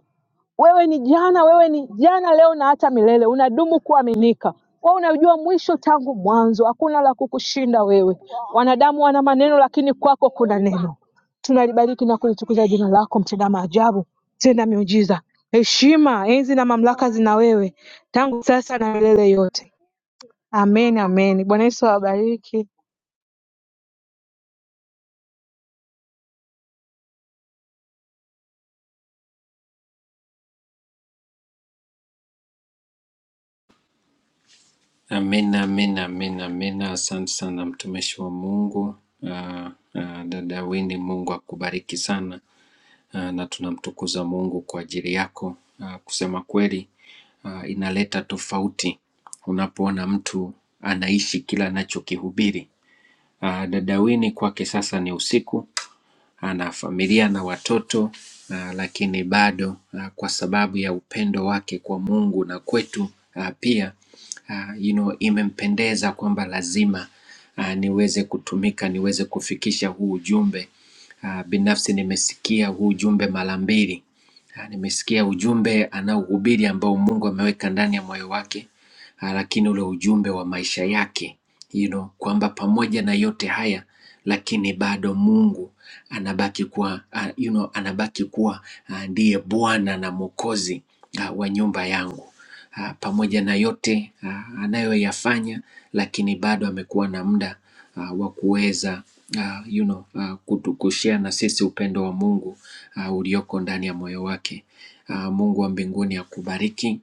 Wewe ni jana, wewe ni jana, leo na hata milele. Unadumu kuaminika. Wewe unajua mwisho tangu mwanzo, hakuna la kukushinda wewe. Wanadamu wana maneno, lakini kwako kuna neno. Tunalibariki na kulitukuza jina lako, mtenda maajabu, tenda miujiza. Heshima, enzi na mamlaka zina wewe, tangu sasa na milele yote. Amen, amen. Bwana Yesu awabariki.
Amina, amina, amina, amina. Asante sana mtumishi wa Mungu Ah, ah, dada Wini, Mungu akubariki sana Ah, na tunamtukuza Mungu kwa ajili yako. Ah, Kusema kweli, ah, inaleta tofauti unapoona mtu anaishi kila anachokihubiri. Ah, Dada Wini, kwake sasa ni usiku ana familia na watoto ah, lakini bado ah, kwa sababu ya upendo wake kwa Mungu na kwetu ah, pia ah, you know, imempendeza kwamba lazima ah, niweze kutumika niweze kufikisha huu ujumbe. Ah, Binafsi nimesikia huu ujumbe mara mbili Ah, Nimesikia ujumbe anaohubiri ambao Mungu ameweka ndani ya moyo wake, ah, lakini ule ujumbe wa maisha yake you know, kwamba pamoja na yote haya lakini bado Mungu anabaki kuwa ah, you know, anabaki kuwa ah, ndiye Bwana na Mwokozi ah, wa nyumba yangu ah, pamoja na yote ah, anayoyafanya, lakini bado amekuwa na muda ah, wa kuweza ah, you know, ah, kutu- kushare na sisi upendo wa Mungu ah, ulioko ndani ya moyo wake. Ah, Mungu wa mbinguni akubariki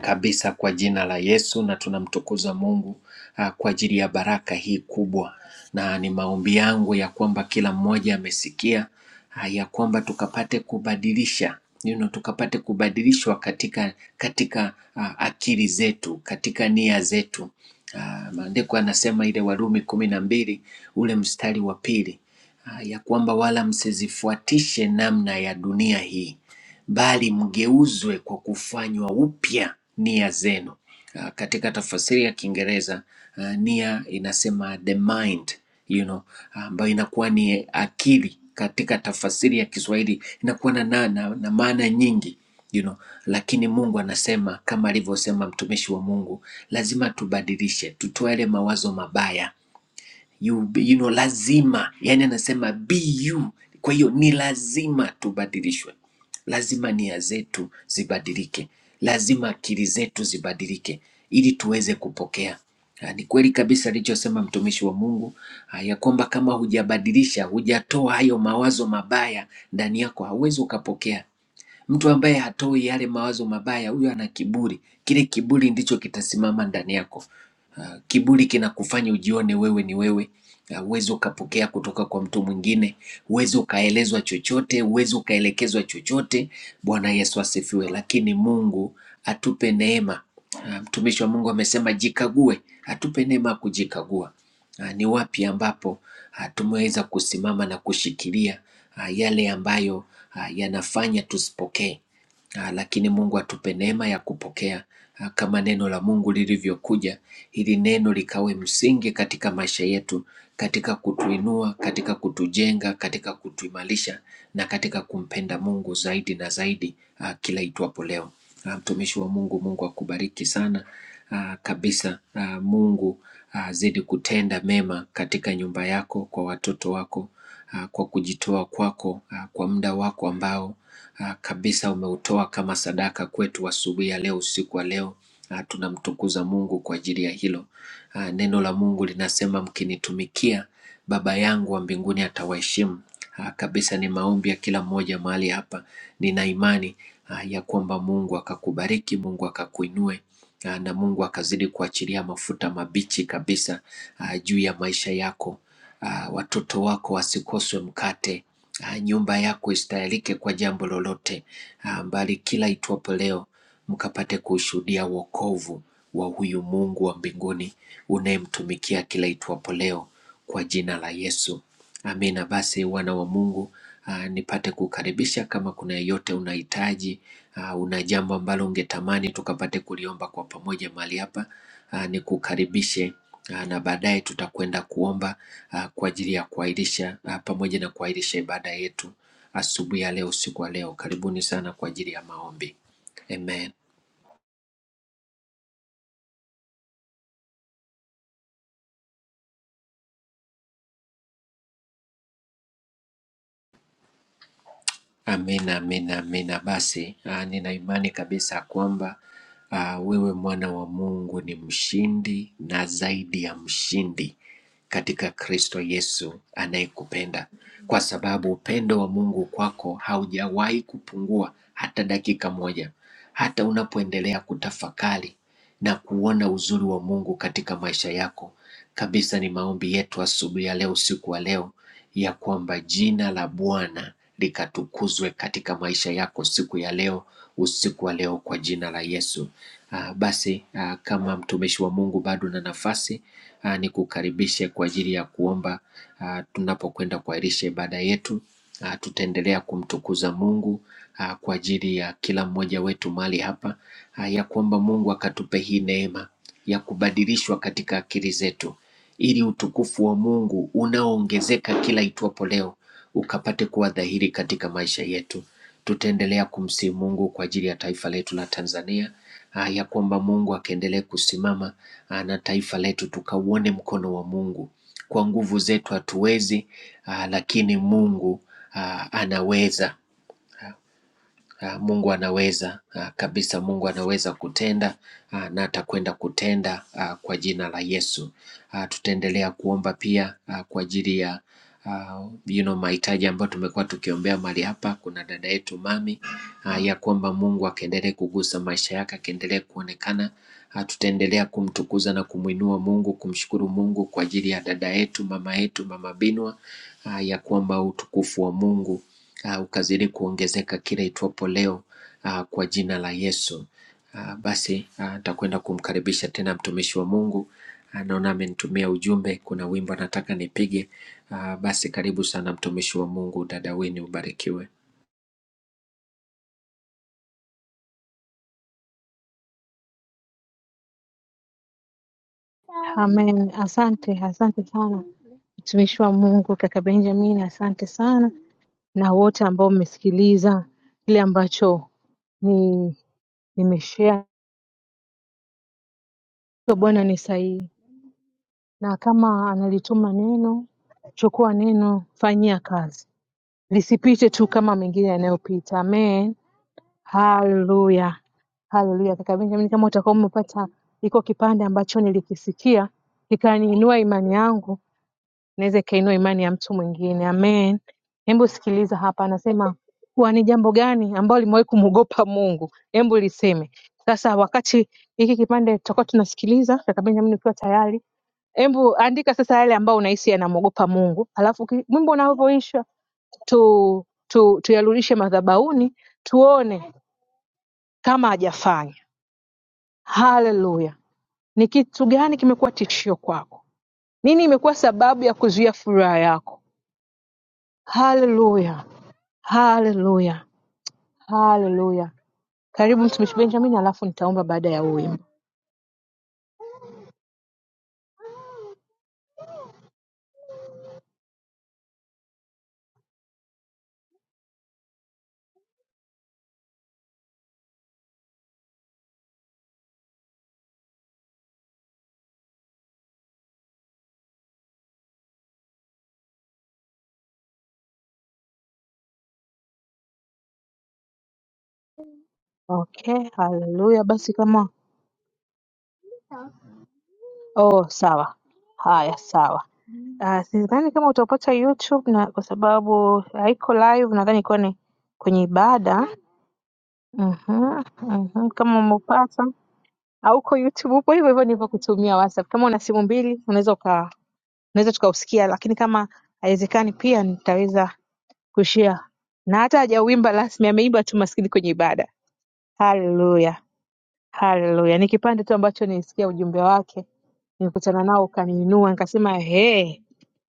kabisa kwa jina la Yesu, na tunamtukuza Mungu ah, kwa ajili ya baraka hii kubwa, na ni maombi yangu ya kwamba kila mmoja amesikia ah, ya kwamba tukapate kubadilisha you know, tukapate kubadilishwa katika, katika ah, akili zetu katika nia zetu. Ah, Maandiko anasema ile Warumi kumi na mbili ule mstari wa pili ah, ya kwamba wala msizifuatishe namna ya dunia hii bali mgeuzwe kwa kufanywa upya nia zenu. Uh, katika tafasiri ya Kiingereza uh, nia inasema the mind you know, ah, ambayo uh, inakuwa ni akili katika tafasiri ya Kiswahili inakuwa na, na, na, na maana nyingi you know, lakini Mungu anasema kama alivyosema mtumishi wa Mungu, lazima tubadilishe, tutoe yale mawazo mabaya you, be- you know, lazima yani, anasema be you. Kwa hiyo ni lazima tubadilishwe, lazima nia zetu zibadilike, lazima akili zetu zibadilike ili tuweze kupokea. Ah, Ni kweli kabisa alichosema mtumishi wa Mungu ah, ya kwamba kama hujabadilisha, hujatoa hayo mawazo mabaya ndani yako, hauwezi ukapokea. Mtu ambaye hatoi yale mawazo mabaya, huyo ana kiburi. Kile kiburi ndicho kitasimama ndani yako. Ah, Kiburi kinakufanya ujione wewe ni wewe. Ah, Huwezi ukapokea kutoka kwa mtu mwingine, huwezi ukaelezwa chochote, huwezi ukaelekezwa chochote. Bwana Yesu asifiwe. Lakini Mungu atupe neema. Ah, Mtumishi wa Mungu amesema jikague, atupe neema ya kujikagua. Ah, Ni wapi ambapo ah, tumeweza kusimama na kushikilia ah, yale ambayo ah, yanafanya tusipokee. Ah, lakini Mungu atupe neema ya kupokea ah, kama neno la Mungu lilivyokuja, ili neno likawe msingi katika maisha yetu, katika kutuinua, katika kutujenga, katika kutuimarisha na katika kumpenda Mungu zaidi na zaidi ah, kila itwapo leo. Ah, Mtumishi wa Mungu, Mungu akubariki sana ah, kabisa. Ah, Mungu azidi kutenda mema katika nyumba yako, kwa watoto wako, ah, kwa kujitoa kwako, ah, kwa muda wako ambao ah, kabisa umeutoa kama sadaka kwetu asubuhi ya leo, usiku wa leo. Ah, Tunamtukuza Mungu kwa ajili ya hilo. Ah, Neno la Mungu linasema mkinitumikia, Baba yangu wa mbinguni atawaheshimu. Ah, Kabisa ni maombi ya kila mmoja mahali hapa. Nina imani ah, ya kwamba Mungu akakubariki, Mungu akakuinue ah, na Mungu akazidi kuachilia mafuta mabichi kabisa ah, juu ya maisha yako. Ah, Watoto wako wasikoswe mkate Ah, nyumba yako isitayarike kwa jambo lolote, ah, bali kila itwapo leo mkapate kuushuhudia wokovu wa huyu Mungu wa mbinguni unayemtumikia kila itwapo leo kwa jina la Yesu. Amina. Basi wana wa Mungu ah, nipate kukaribisha kama kuna yeyote unahitaji, ah, una jambo ambalo ungetamani tukapate kuliomba kwa pamoja mahali hapa, ah, nikukaribishe ah, na baadaye tutakwenda kuomba ah, kwa ajili ya kuahirisha ah, pamoja na kuahirisha ibada yetu asubuhi ya leo, usiku wa leo. Karibuni sana kwa ajili ya maombi. Amen. Amina, amina, amina. Basi ah, nina imani kabisa kwamba ah, wewe mwana wa Mungu ni mshindi na zaidi ya mshindi katika Kristo Yesu anayekupenda, kwa sababu upendo wa Mungu kwako haujawahi kupungua hata dakika moja, hata unapoendelea kutafakari na kuona uzuri wa Mungu katika maisha yako. Kabisa ni maombi yetu asubuhi ya leo, usiku wa leo, ya kwamba jina la Bwana likatukuzwe katika maisha yako siku ya leo, usiku wa leo, kwa jina la Yesu. Ah, basi ah, kama mtumishi wa Mungu bado na nafasi ah, nikukaribishe kwa ajili ya kuomba ah, tunapokwenda kuahirisha ibada yetu. Ah, tutaendelea kumtukuza Mungu ah, kwa ajili ya kila mmoja wetu mahali hapa ah, ya kuomba Mungu akatupe hii neema ya kubadilishwa katika akili zetu ili utukufu wa Mungu unaoongezeka kila itwapo leo ukapate kuwa dhahiri katika maisha yetu. Tutaendelea kumsihi Mungu kwa ajili ya taifa letu la Tanzania, ah, ya kwamba Mungu akaendelee kusimama ah, na taifa letu, tukauone mkono wa Mungu. Kwa nguvu zetu hatuwezi, ah, lakini Mungu ah, anaweza. Ah, Mungu anaweza ah, kabisa, Mungu anaweza kutenda ah, na atakwenda kutenda ah, kwa jina la Yesu. Ah, Tutaendelea kuomba pia ah, kwa ajili ya ah, you know, mahitaji ambayo tumekuwa tukiombea mahali hapa. Kuna dada yetu mami ah, ya kwamba Mungu akaendelee kugusa maisha yake, akaendelee kuonekana. Ah, Tutaendelea kumtukuza na kumwinua Mungu, kumshukuru Mungu kwa ajili ya dada yetu, mama yetu, mama Binwa, ah, ya kwamba utukufu wa Mungu ah, ukazidi kuongezeka kila itwapo leo ah, kwa jina la Yesu. Ah, Basi ah, nitakwenda uh, kumkaribisha tena mtumishi wa Mungu. Ah, Naona amenitumia ujumbe, kuna wimbo nataka nipige. Ah, Basi karibu sana mtumishi wa Mungu, dada Winnie, ubarikiwe.
Amen. Asante, asante sana mtumishi wa Mungu kaka Benjamin, asante sana na wote ambao mmesikiliza kile ambacho ni nimeshare. so Bwana ni sahihi, na kama analituma neno, chukua neno, fanyia kazi, lisipite tu kama mengine yanayopita. Amen, haleluya, haleluya. Kaka Benjamin, kama utakuwa umepata iko kipande ambacho nilikisikia kikaniinua imani yangu inaweza ikainua imani ya mtu mwingine. Amen. Hebu sikiliza hapa, anasema kuwa ni jambo gani ambalo limewahi kumwogopa Mungu? Hebu liseme sasa. Wakati hiki kipande tutakuwa tunasikiliza, kaka Benjamin, ukiwa tayari, hebu andika sasa yale ambayo unahisi yanamwogopa Mungu, alafu ki- wimbo unavyoisha tu, tu, tuyarudishe madhabahuni tuone kama hajafanya. Haleluya! Ni kitu gani kimekuwa tishio kwako? Nini imekuwa sababu ya kuzuia furaha yako? Haleluya! Haleluya, haleluya. Karibu mtumishi Benjamin, alafu nitaomba baada ya huu wimbo. Okay, haleluya. Basi kama oh, sawa. Haya, sawa. Uh, sidhani kama utapata YouTube na kwa sababu haiko live, nadhani ikuwa ni kwenye ibada. Mhm, mhm. Kama umepata auko YouTube, upo hivyo hivyo nilivyo kutumia WhatsApp. Kama una simu mbili unaweza uka unaweza tukausikia, lakini kama haiwezekani pia nitaweza kushare na hata hajauimba rasmi, ameimba tu maskini kwenye ibada. Haleluya, haleluya! Ni kipande tu ambacho nilisikia ujumbe wake, nilikutana nao ukaniinua, nikasema hey,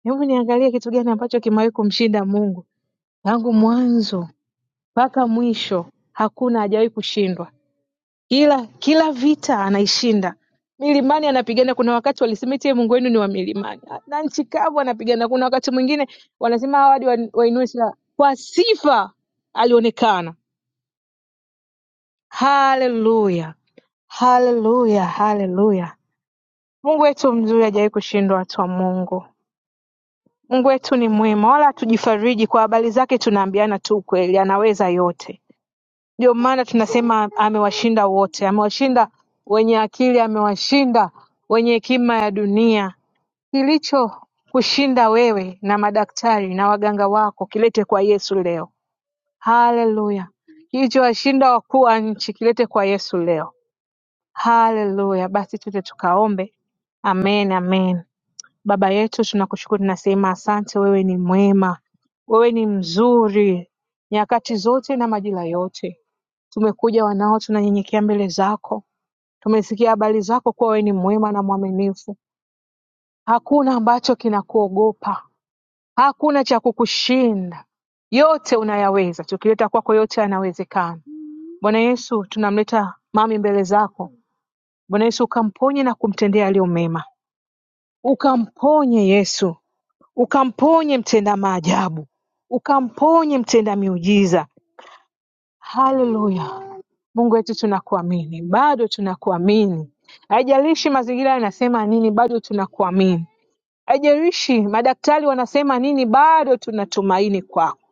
hebu niangalie kitu gani ambacho kimewahi kumshinda Mungu. Tangu mwanzo mpaka mwisho hakuna, hajawahi kushindwa. Kila kila vita anaishinda. Milimani anapigana, kuna wakati walisema eti Mungu wenu ni wa milimani, na nchi kavu anapigana. Kuna wakati mwingine wanasema hawa hadi wainue silaha. Kwa sifa alionekana Hallelujah. Hallelujah. Hallelujah. Mungu wetu mzuri hajawahi kushindwa watu wa Mungu. Mungu wetu ni mwema, wala hatujifariji kwa habari zake, tunaambiana tu ukweli, anaweza yote. Ndio maana tunasema amewashinda wote, amewashinda wenye akili, amewashinda wenye hekima ya dunia. Kilicho kushinda wewe na madaktari na waganga wako kilete kwa Yesu leo. Haleluya! Kilichowashinda wakuu wa nchi kilete kwa Yesu leo. Haleluya! Basi twende tukaombe. Amen, amen. Baba yetu, tunakushukuru, tunasema asante. Wewe ni mwema, wewe ni mzuri nyakati zote na majira yote. Tumekuja wanao, tunanyenyekea mbele zako. Tumesikia habari zako kuwa wewe ni mwema na mwaminifu, hakuna ambacho kinakuogopa, hakuna cha kukushinda. Yote unayaweza, tukileta kwako yote yanawezekana. Bwana Yesu, tunamleta mami mbele zako. Bwana Yesu, ukamponye na kumtendea aliyo mema Ukamponye Yesu ukamponye mtenda maajabu ukamponye mtenda miujiza haleluya Mungu wetu tunakuamini bado tunakuamini haijalishi mazingira yanasema nini bado tunakuamini haijalishi madaktari wanasema nini bado tunatumaini kwako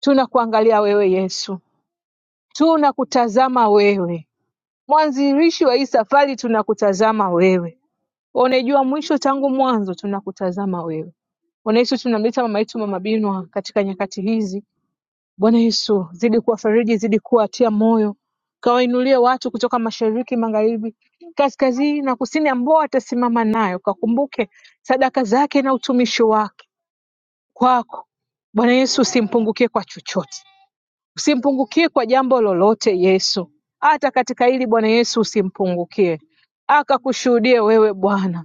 tunakuangalia wewe Yesu tunakutazama wewe mwanzilishi wa hii safari tunakutazama wewe Unaijua mwisho tangu mwanzo tunakutazama wewe. Bwana Yesu tunamleta mama yetu mama Binwa katika nyakati hizi. Bwana Yesu zidi kuwafariji, zidi kuwatia moyo. Kawainulie watu kutoka mashariki, magharibi, kaskazini na kusini ambao watasimama nayo. Kakumbuke sadaka zake na utumishi wake kwako. Bwana Yesu usimpungukie kwa chochote. Usimpungukie kwa jambo lolote Yesu. Hata katika hili Bwana Yesu usimpungukie. Akakushuhudie wewe Bwana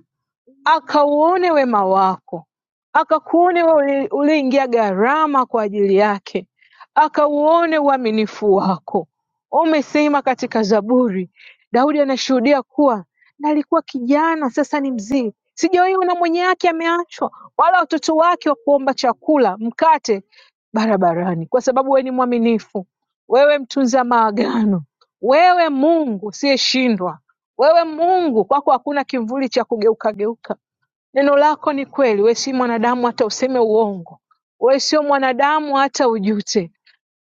akauone wema wako, akakuone wewe uliyeingia gharama kwa ajili yake, akauone uaminifu wako. Umesema katika Zaburi, Daudi anashuhudia kuwa nalikuwa kijana, sasa ni mzee, sijawahi ona mwenye yake ameachwa, wala watoto wake wa kuomba chakula, mkate barabarani, kwa sababu wewe ni mwaminifu, wewe mtunza maagano, wewe Mungu usiyeshindwa, wewe Mungu, kwako hakuna kimvuli cha kugeuka geuka Neno lako ni kweli. Wewe si mwanadamu hata useme uongo, wewe sio mwanadamu hata ujute.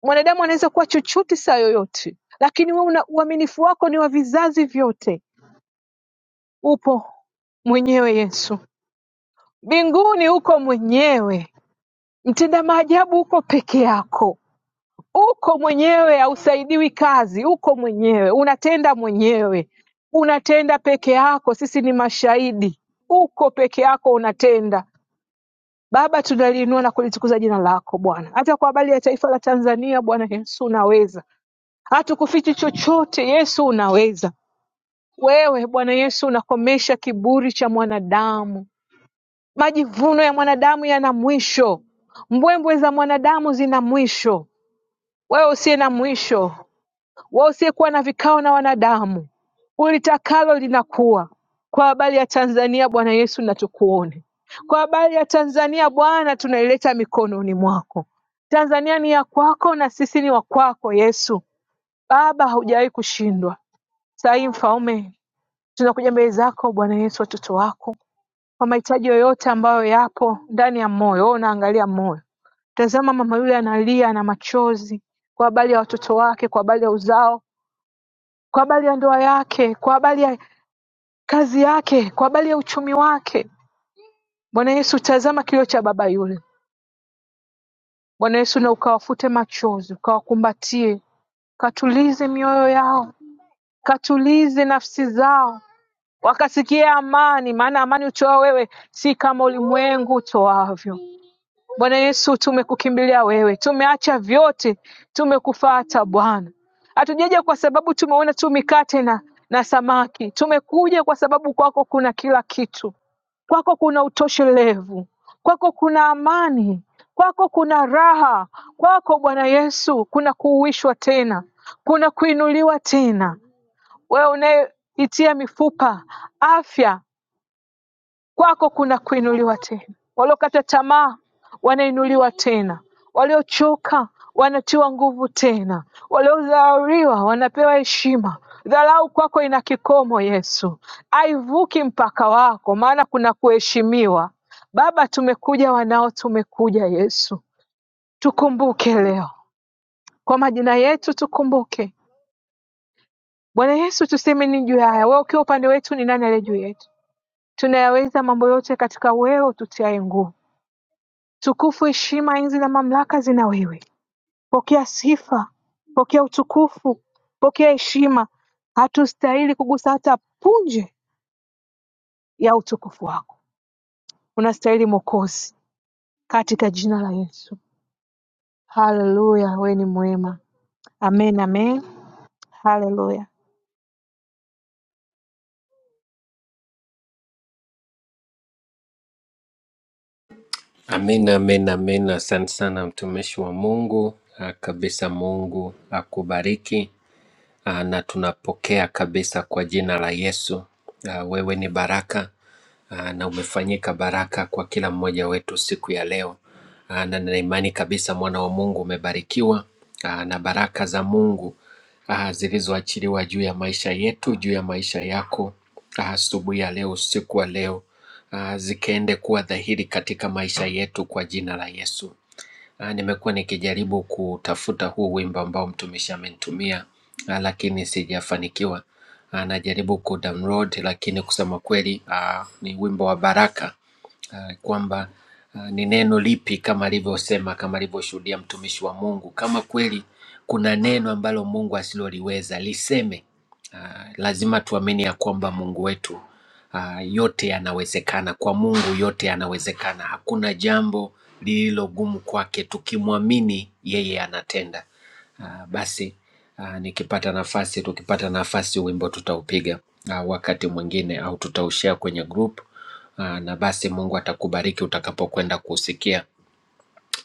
Mwanadamu anaweza kuwa chochote saa yoyote, lakini wewe una uaminifu wako ni wa vizazi vyote. Upo mwenyewe Yesu, mbinguni uko mwenyewe, mtenda maajabu uko peke yako, uko mwenyewe, hausaidiwi kazi, uko mwenyewe, unatenda mwenyewe, unatenda peke yako. Sisi ni mashahidi, uko peke yako unatenda Baba tunaliinua na kulitukuza jina lako Bwana, hata kwa habari ya taifa la Tanzania Bwana Yesu unaweza, hatukufichi chochote Yesu unaweza. Wewe Bwana Yesu unakomesha kiburi cha mwanadamu, majivuno ya mwanadamu yana mwisho, mbwembwe za mwanadamu zina mwisho. Wewe usiye na mwisho, wao usiyekuwa na vikao na wanadamu, ulitakalo linakuwa. Kwa habari ya Tanzania, Bwana Yesu, na tukuone. Kwa habari ya Tanzania, Bwana, tunaileta mikononi mwako. Tanzania ni ya kwako na sisi ni wa kwako, Yesu. Baba, haujawahi kushindwa. Saa hii Mfalme, tunakuja mbele zako Bwana Yesu, watoto wako kwa mahitaji yoyote ambayo yapo ndani ya moyo. Wewe unaangalia moyo. Tazama mama yule analia na machozi kwa habari ya watoto wake, kwa habari ya uzao kwa habari ya ndoa yake, kwa habari ya kazi yake, kwa habari ya uchumi wake. Bwana Yesu, tazama kilio cha baba yule. Bwana Yesu, na ukawafute machozi, ukawakumbatie, katulize mioyo yao, katulize nafsi zao, wakasikia amani, maana amani utoa wewe, si kama ulimwengu utoavyo. Bwana Yesu, tumekukimbilia wewe, tumeacha vyote, tumekufuata Bwana. Hatujaja kwa sababu tumeona tu mikate na, na samaki, tumekuja kwa sababu kwako kuna kila kitu, kwako kuna utoshelevu, kwako kuna amani, kwako kuna raha, kwako Bwana Yesu kuna kuuishwa tena, kuna kuinuliwa tena wewe unayeitia mifupa afya, kwako kuna kuinuliwa tena. Waliokata tamaa wanainuliwa tena, waliochoka wanatiwa nguvu tena, waliodharauliwa wanapewa heshima. Dharau kwako ina kikomo, Yesu aivuki mpaka wako, maana kuna kuheshimiwa. Baba, tumekuja wanao, tumekuja Yesu, tukumbuke leo kwa majina yetu, tukumbuke Bwana Yesu, tuseme ni juu ya haya, wewe ukiwa upande wetu, ni nani aliye juu yetu? Tunayaweza mambo yote katika wewe ututiaye nguvu. Tukufu, heshima, enzi na mamlaka zina wewe. Pokea sifa, pokea utukufu, pokea heshima. Hatustahili kugusa hata punje ya utukufu wako. Unastahili Mwokozi, katika jina la Yesu. Haleluya, wewe ni mwema. Amen, amen. Haleluya.
Amina, amina, amina. Asante sana mtumishi wa Mungu. Ah, Kabisa, Mungu akubariki. ah, na tunapokea kabisa kwa jina la Yesu. Ah, Wewe ni baraka ah, na umefanyika baraka kwa kila mmoja wetu siku ya leo, Ah, na nina imani kabisa mwana wa Mungu umebarikiwa ah, na baraka za Mungu ah, zilizoachiliwa juu ya maisha yetu, juu ya maisha yako ah, asubuhi ya leo, usiku wa leo ah, zikaende kuwa dhahiri katika maisha yetu kwa jina la Yesu. Ah, nimekuwa nikijaribu kutafuta huu wimbo ambao mtumishi amenitumia ah, lakini sijafanikiwa. Ah, najaribu kudownload lakini kusema kweli ah, ni wimbo wa baraka uh, kwamba uh, ni neno lipi kama alivyosema kama alivyoshuhudia mtumishi wa Mungu. Kama kweli kuna neno ambalo Mungu asiloliweza liseme, uh, lazima tuamini ya kwamba Mungu wetu uh, yote yanawezekana. Kwa Mungu yote yanawezekana, hakuna jambo lililo gumu kwake. Tukimwamini yeye anatenda. Ah, basi ah, nikipata nafasi tukipata nafasi wimbo tutaupiga ah, wakati mwingine au tutaushare kwenye group ah, na basi Mungu atakubariki utakapokwenda kuusikia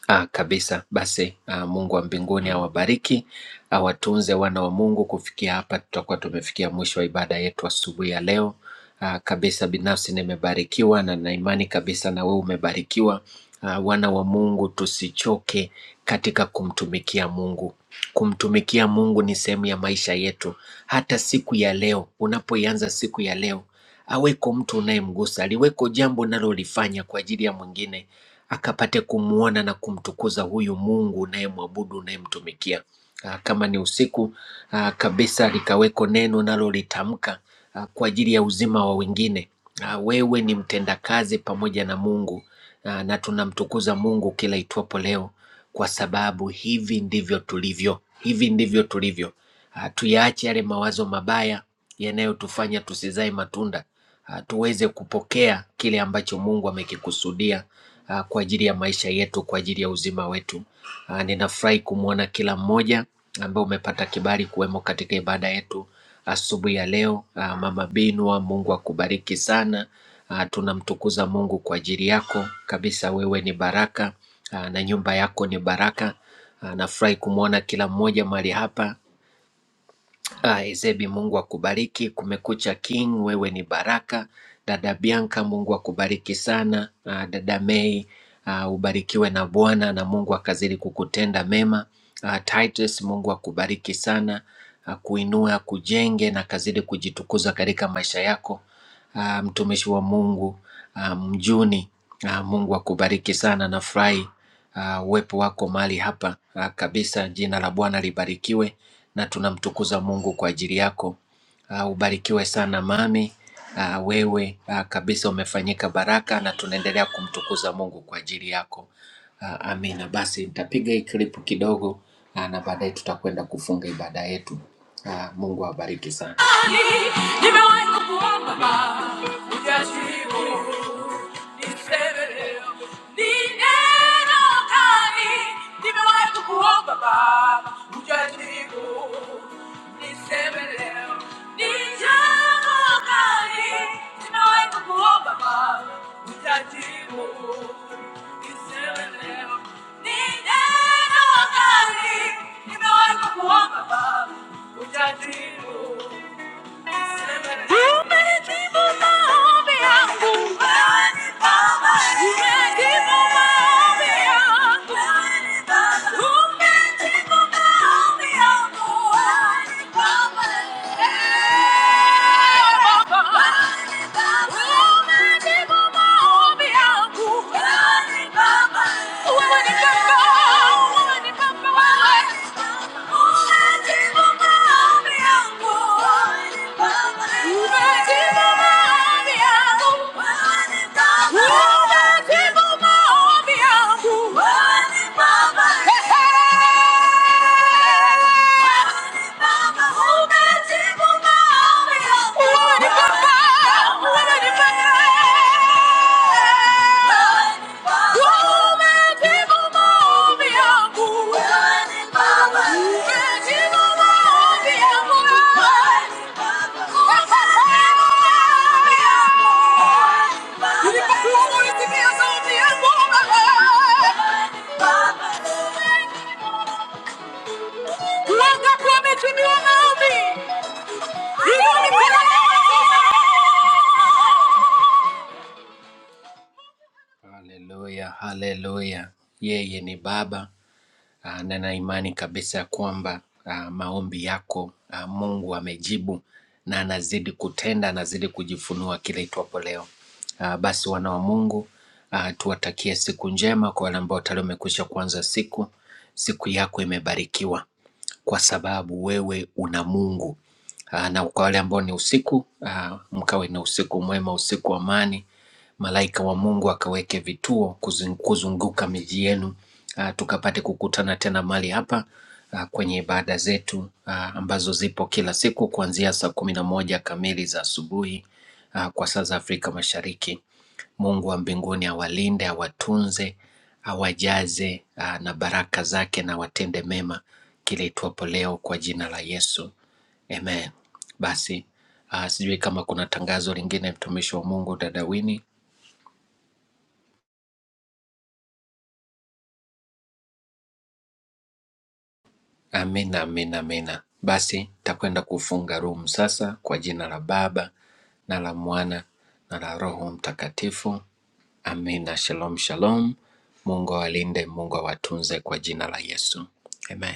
Ah, kabisa. Basi ah, Mungu wa mbinguni awabariki, awatunze wana wa Mungu. Kufikia hapa, tutakuwa tumefikia mwisho wa ibada yetu asubuhi ya leo. Ah, kabisa, binafsi nimebarikiwa na na imani kabisa na wewe umebarikiwa. Ah, wana wa Mungu, tusichoke katika kumtumikia Mungu. Kumtumikia Mungu ni sehemu ya maisha yetu. Hata siku ya leo, unapoianza siku ya leo, aweko mtu unayemgusa, aliweko jambo unalolifanya kwa ajili ya mwingine akapate kumwona na kumtukuza huyu Mungu unayemwabudu unayemtumikia. Ah, Kama ni usiku ah, kabisa, likaweko neno nalolitamka ah, kwa ajili ya uzima wa wengine. Ah, Wewe ni mtendakazi pamoja na Mungu ah, na tunamtukuza Mungu kila itwapo leo, kwa sababu hivi ndivyo tulivyo, hivi ndivyo tulivyo. Ah, Tuyaache yale mawazo mabaya yanayotufanya tusizae matunda uh, tuweze kupokea kile ambacho Mungu amekikusudia uh, kwa ajili ya maisha yetu, kwa ajili ya uzima wetu. Uh, ninafurahi kumwona kila mmoja ambaye umepata kibali kuwemo katika ibada yetu asubuhi ya leo. Uh, Mama Binwa, Mungu akubariki sana. Uh, tunamtukuza Mungu kwa ajili yako kabisa, wewe ni baraka uh, na nyumba yako ni baraka. Ah, Nafurahi kumwona kila mmoja mahali hapa Aye, Zebi, Mungu akubariki. Kumekucha King, wewe ni baraka. Dada Bianca, Mungu akubariki sana. Ah, Dada Mei, ah, ubarikiwe na Bwana na Mungu akazidi kukutenda mema. Ah, Titus, Mungu akubariki sana, akuinue, akujenge na akazidi kujitukuza katika maisha yako. Ah, Mtumishi wa Mungu ah, Mjuni, ah, Mungu akubariki sana. Nafurahi uh, uwepo wako mahali hapa uh, kabisa. Jina la Bwana libarikiwe na tunamtukuza Mungu kwa ajili yako. Uh, ubarikiwe sana mami. Uh, wewe uh, kabisa umefanyika baraka na tunaendelea kumtukuza Mungu kwa ajili yako. Uh, amina. Basi nitapiga hii klipu kidogo uh, na baadaye tutakwenda kufunga ibada yetu. Uh, Mungu awabariki sana. Nimewahi kukuomba, hujajibu. ni sebeleo ni neno kali nimewahi kukuomba baba ujajibu ni sebeleo ni jambo kali nimewahi kukuomba baba ujajibu ni sebeleo ni neno kali nimewahi Bye. Baba, Haleluya, haleluya! Yeye ni Baba, ah, na na imani kabisa ya kwamba ah, maombi yako ah, Mungu amejibu na anazidi kutenda, anazidi kujifunua kila itwapo leo. Ah, Basi wana wa Mungu ah, tuwatakie siku njema kwa wale ambao tayari wamekwisha kuanza siku. Siku yako imebarikiwa kwa sababu wewe una Mungu. Ah, Na kwa wale ambao ni usiku, ah, mkawe na usiku mwema, usiku wa amani Malaika wa Mungu akaweke vituo kuzun- kuzunguka miji yenu, ah, tukapate kukutana tena mahali hapa ah, kwenye ibada zetu ah, ambazo zipo kila siku kuanzia saa kumi na moja kamili za asubuhi ah, kwa saa za Afrika Mashariki. Mungu wa mbinguni awalinde, awatunze, awajaze ah, na baraka zake na watende mema kile itwapo leo kwa jina la Yesu. Amen. Basi ah, sijui kama kuna tangazo lingine, mtumishi wa Mungu dada Winnie. Amina, amina, amina. Basi takwenda kufunga room sasa kwa jina la Baba na la Mwana na la Roho Mtakatifu. Amina. Shalom, shalom. Mungu awalinde, Mungu awatunze kwa jina la Yesu. Amen.